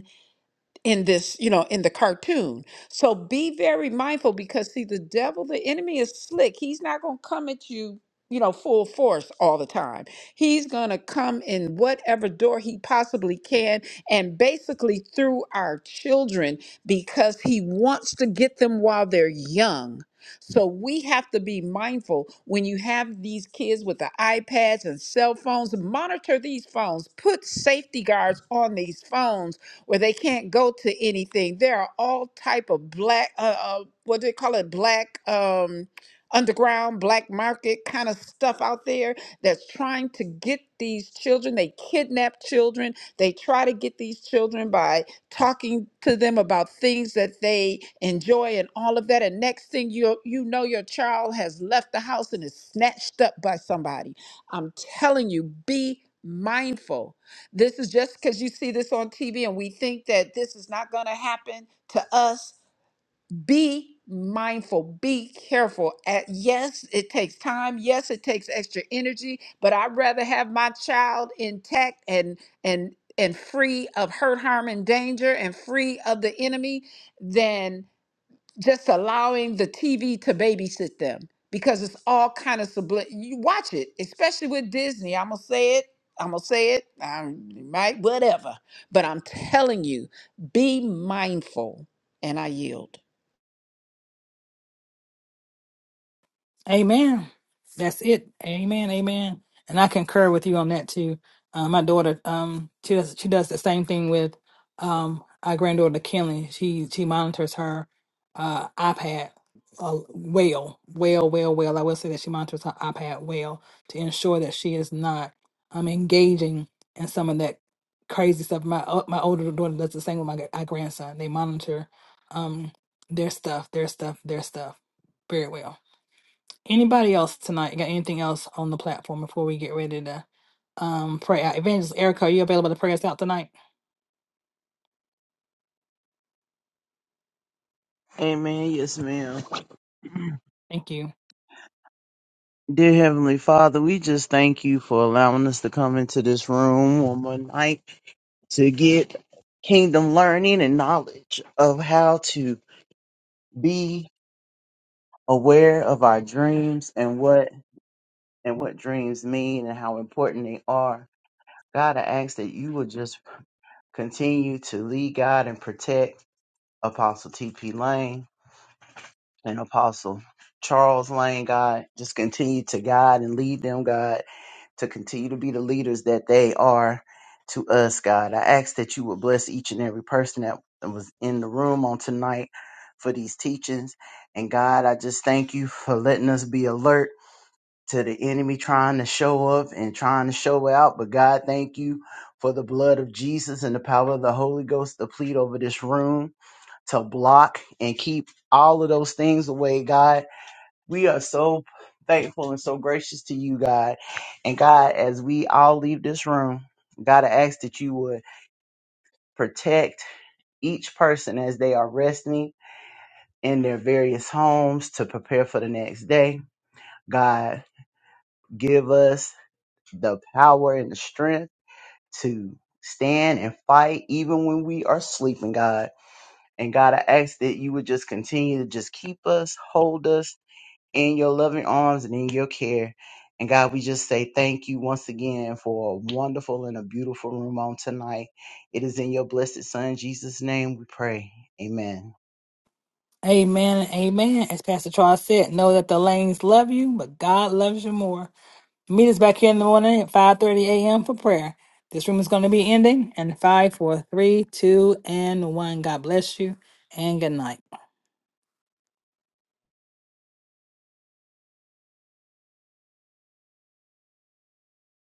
in this, you know, in the cartoon. So be very mindful because see the devil, the enemy is slick. He's not going to come at you, you know, full force all the time. He's going to come in whatever door he possibly can and basically through our children because he wants to get them while they're young. So we have to be mindful when you have these kids with the iPads and cell phones, monitor these phones, put safety guards on these phones where they can't go to anything. There are all type of black, uh, uh, what do they call it, black um, underground, black market kind of stuff out there that's trying to get these children. They kidnap children. They try to get these children by talking to them about things that they enjoy and all of that. And next thing you you know, your child has left the house and is snatched up by somebody. I'm telling you, be mindful this is just because you see this on TV and we think that this is not going to happen to us. Be mindful, be careful. At, yes, it takes time. Yes, it takes extra energy, but I'd rather have my child intact and and and free of hurt, harm, and danger and free of the enemy than just allowing the TV to babysit them because it's all kind of subli- you watch it, especially with Disney. I'm gonna say it. I'm gonna say it. I might whatever, but I'm telling you, be mindful. And I yield.
Amen. That's it. Amen. Amen. And I concur with you on that too. Uh, my daughter, um, she does she does the same thing with um our granddaughter Kelly. She she monitors her uh iPad uh, well, well, well, well. I will say that she monitors her iPad well to ensure that she is not um engaging in some of that crazy stuff. My o- my older daughter does the same with my, my grandson. They monitor um their stuff, their stuff, their stuff very well. Anybody else tonight got anything else on the platform before we get ready to um pray out? Evangelist Erica, are you available to pray us out tonight?
Amen. Yes, ma'am.
Thank you.
Dear Heavenly Father, we just thank you for allowing us to come into this room one more night to get kingdom learning and knowledge of how to be aware of our dreams and what and what dreams mean and how important they are. God, I ask that you will just continue to lead God and protect Apostle T.P. Lane and Apostle Charles Lane, God. Just continue to guide and lead them, God to continue to be the leaders that they are to us, God. I ask that you will bless each and every person that was in the room on tonight for these teachings. And God, I just thank you for letting us be alert to the enemy trying to show up and trying to show out. But God, thank you for the blood of Jesus and the power of the Holy Ghost to plead over this room, to block and keep all of those things away, God. We are so thankful and so gracious to you, God. And God, as we all leave this room, God, I ask that you would protect each person as they are resting in their various homes to prepare for the next day. God, give us the power and the strength to stand and fight even when we are sleeping, God. And God, I ask that you would just continue to just keep us, hold us, in your loving arms and in your care. And God, we just say thank you once again for a wonderful and a beautiful room on tonight. It is in your blessed Son, Jesus' name, we pray. Amen.
Amen. Amen. As Pastor Charles said, know that the lanes love you, but God loves you more. Meet us back here in the morning at 5 30 a.m. for prayer. This room is going to be ending in five, four, three, two, and 1. God bless you and good night.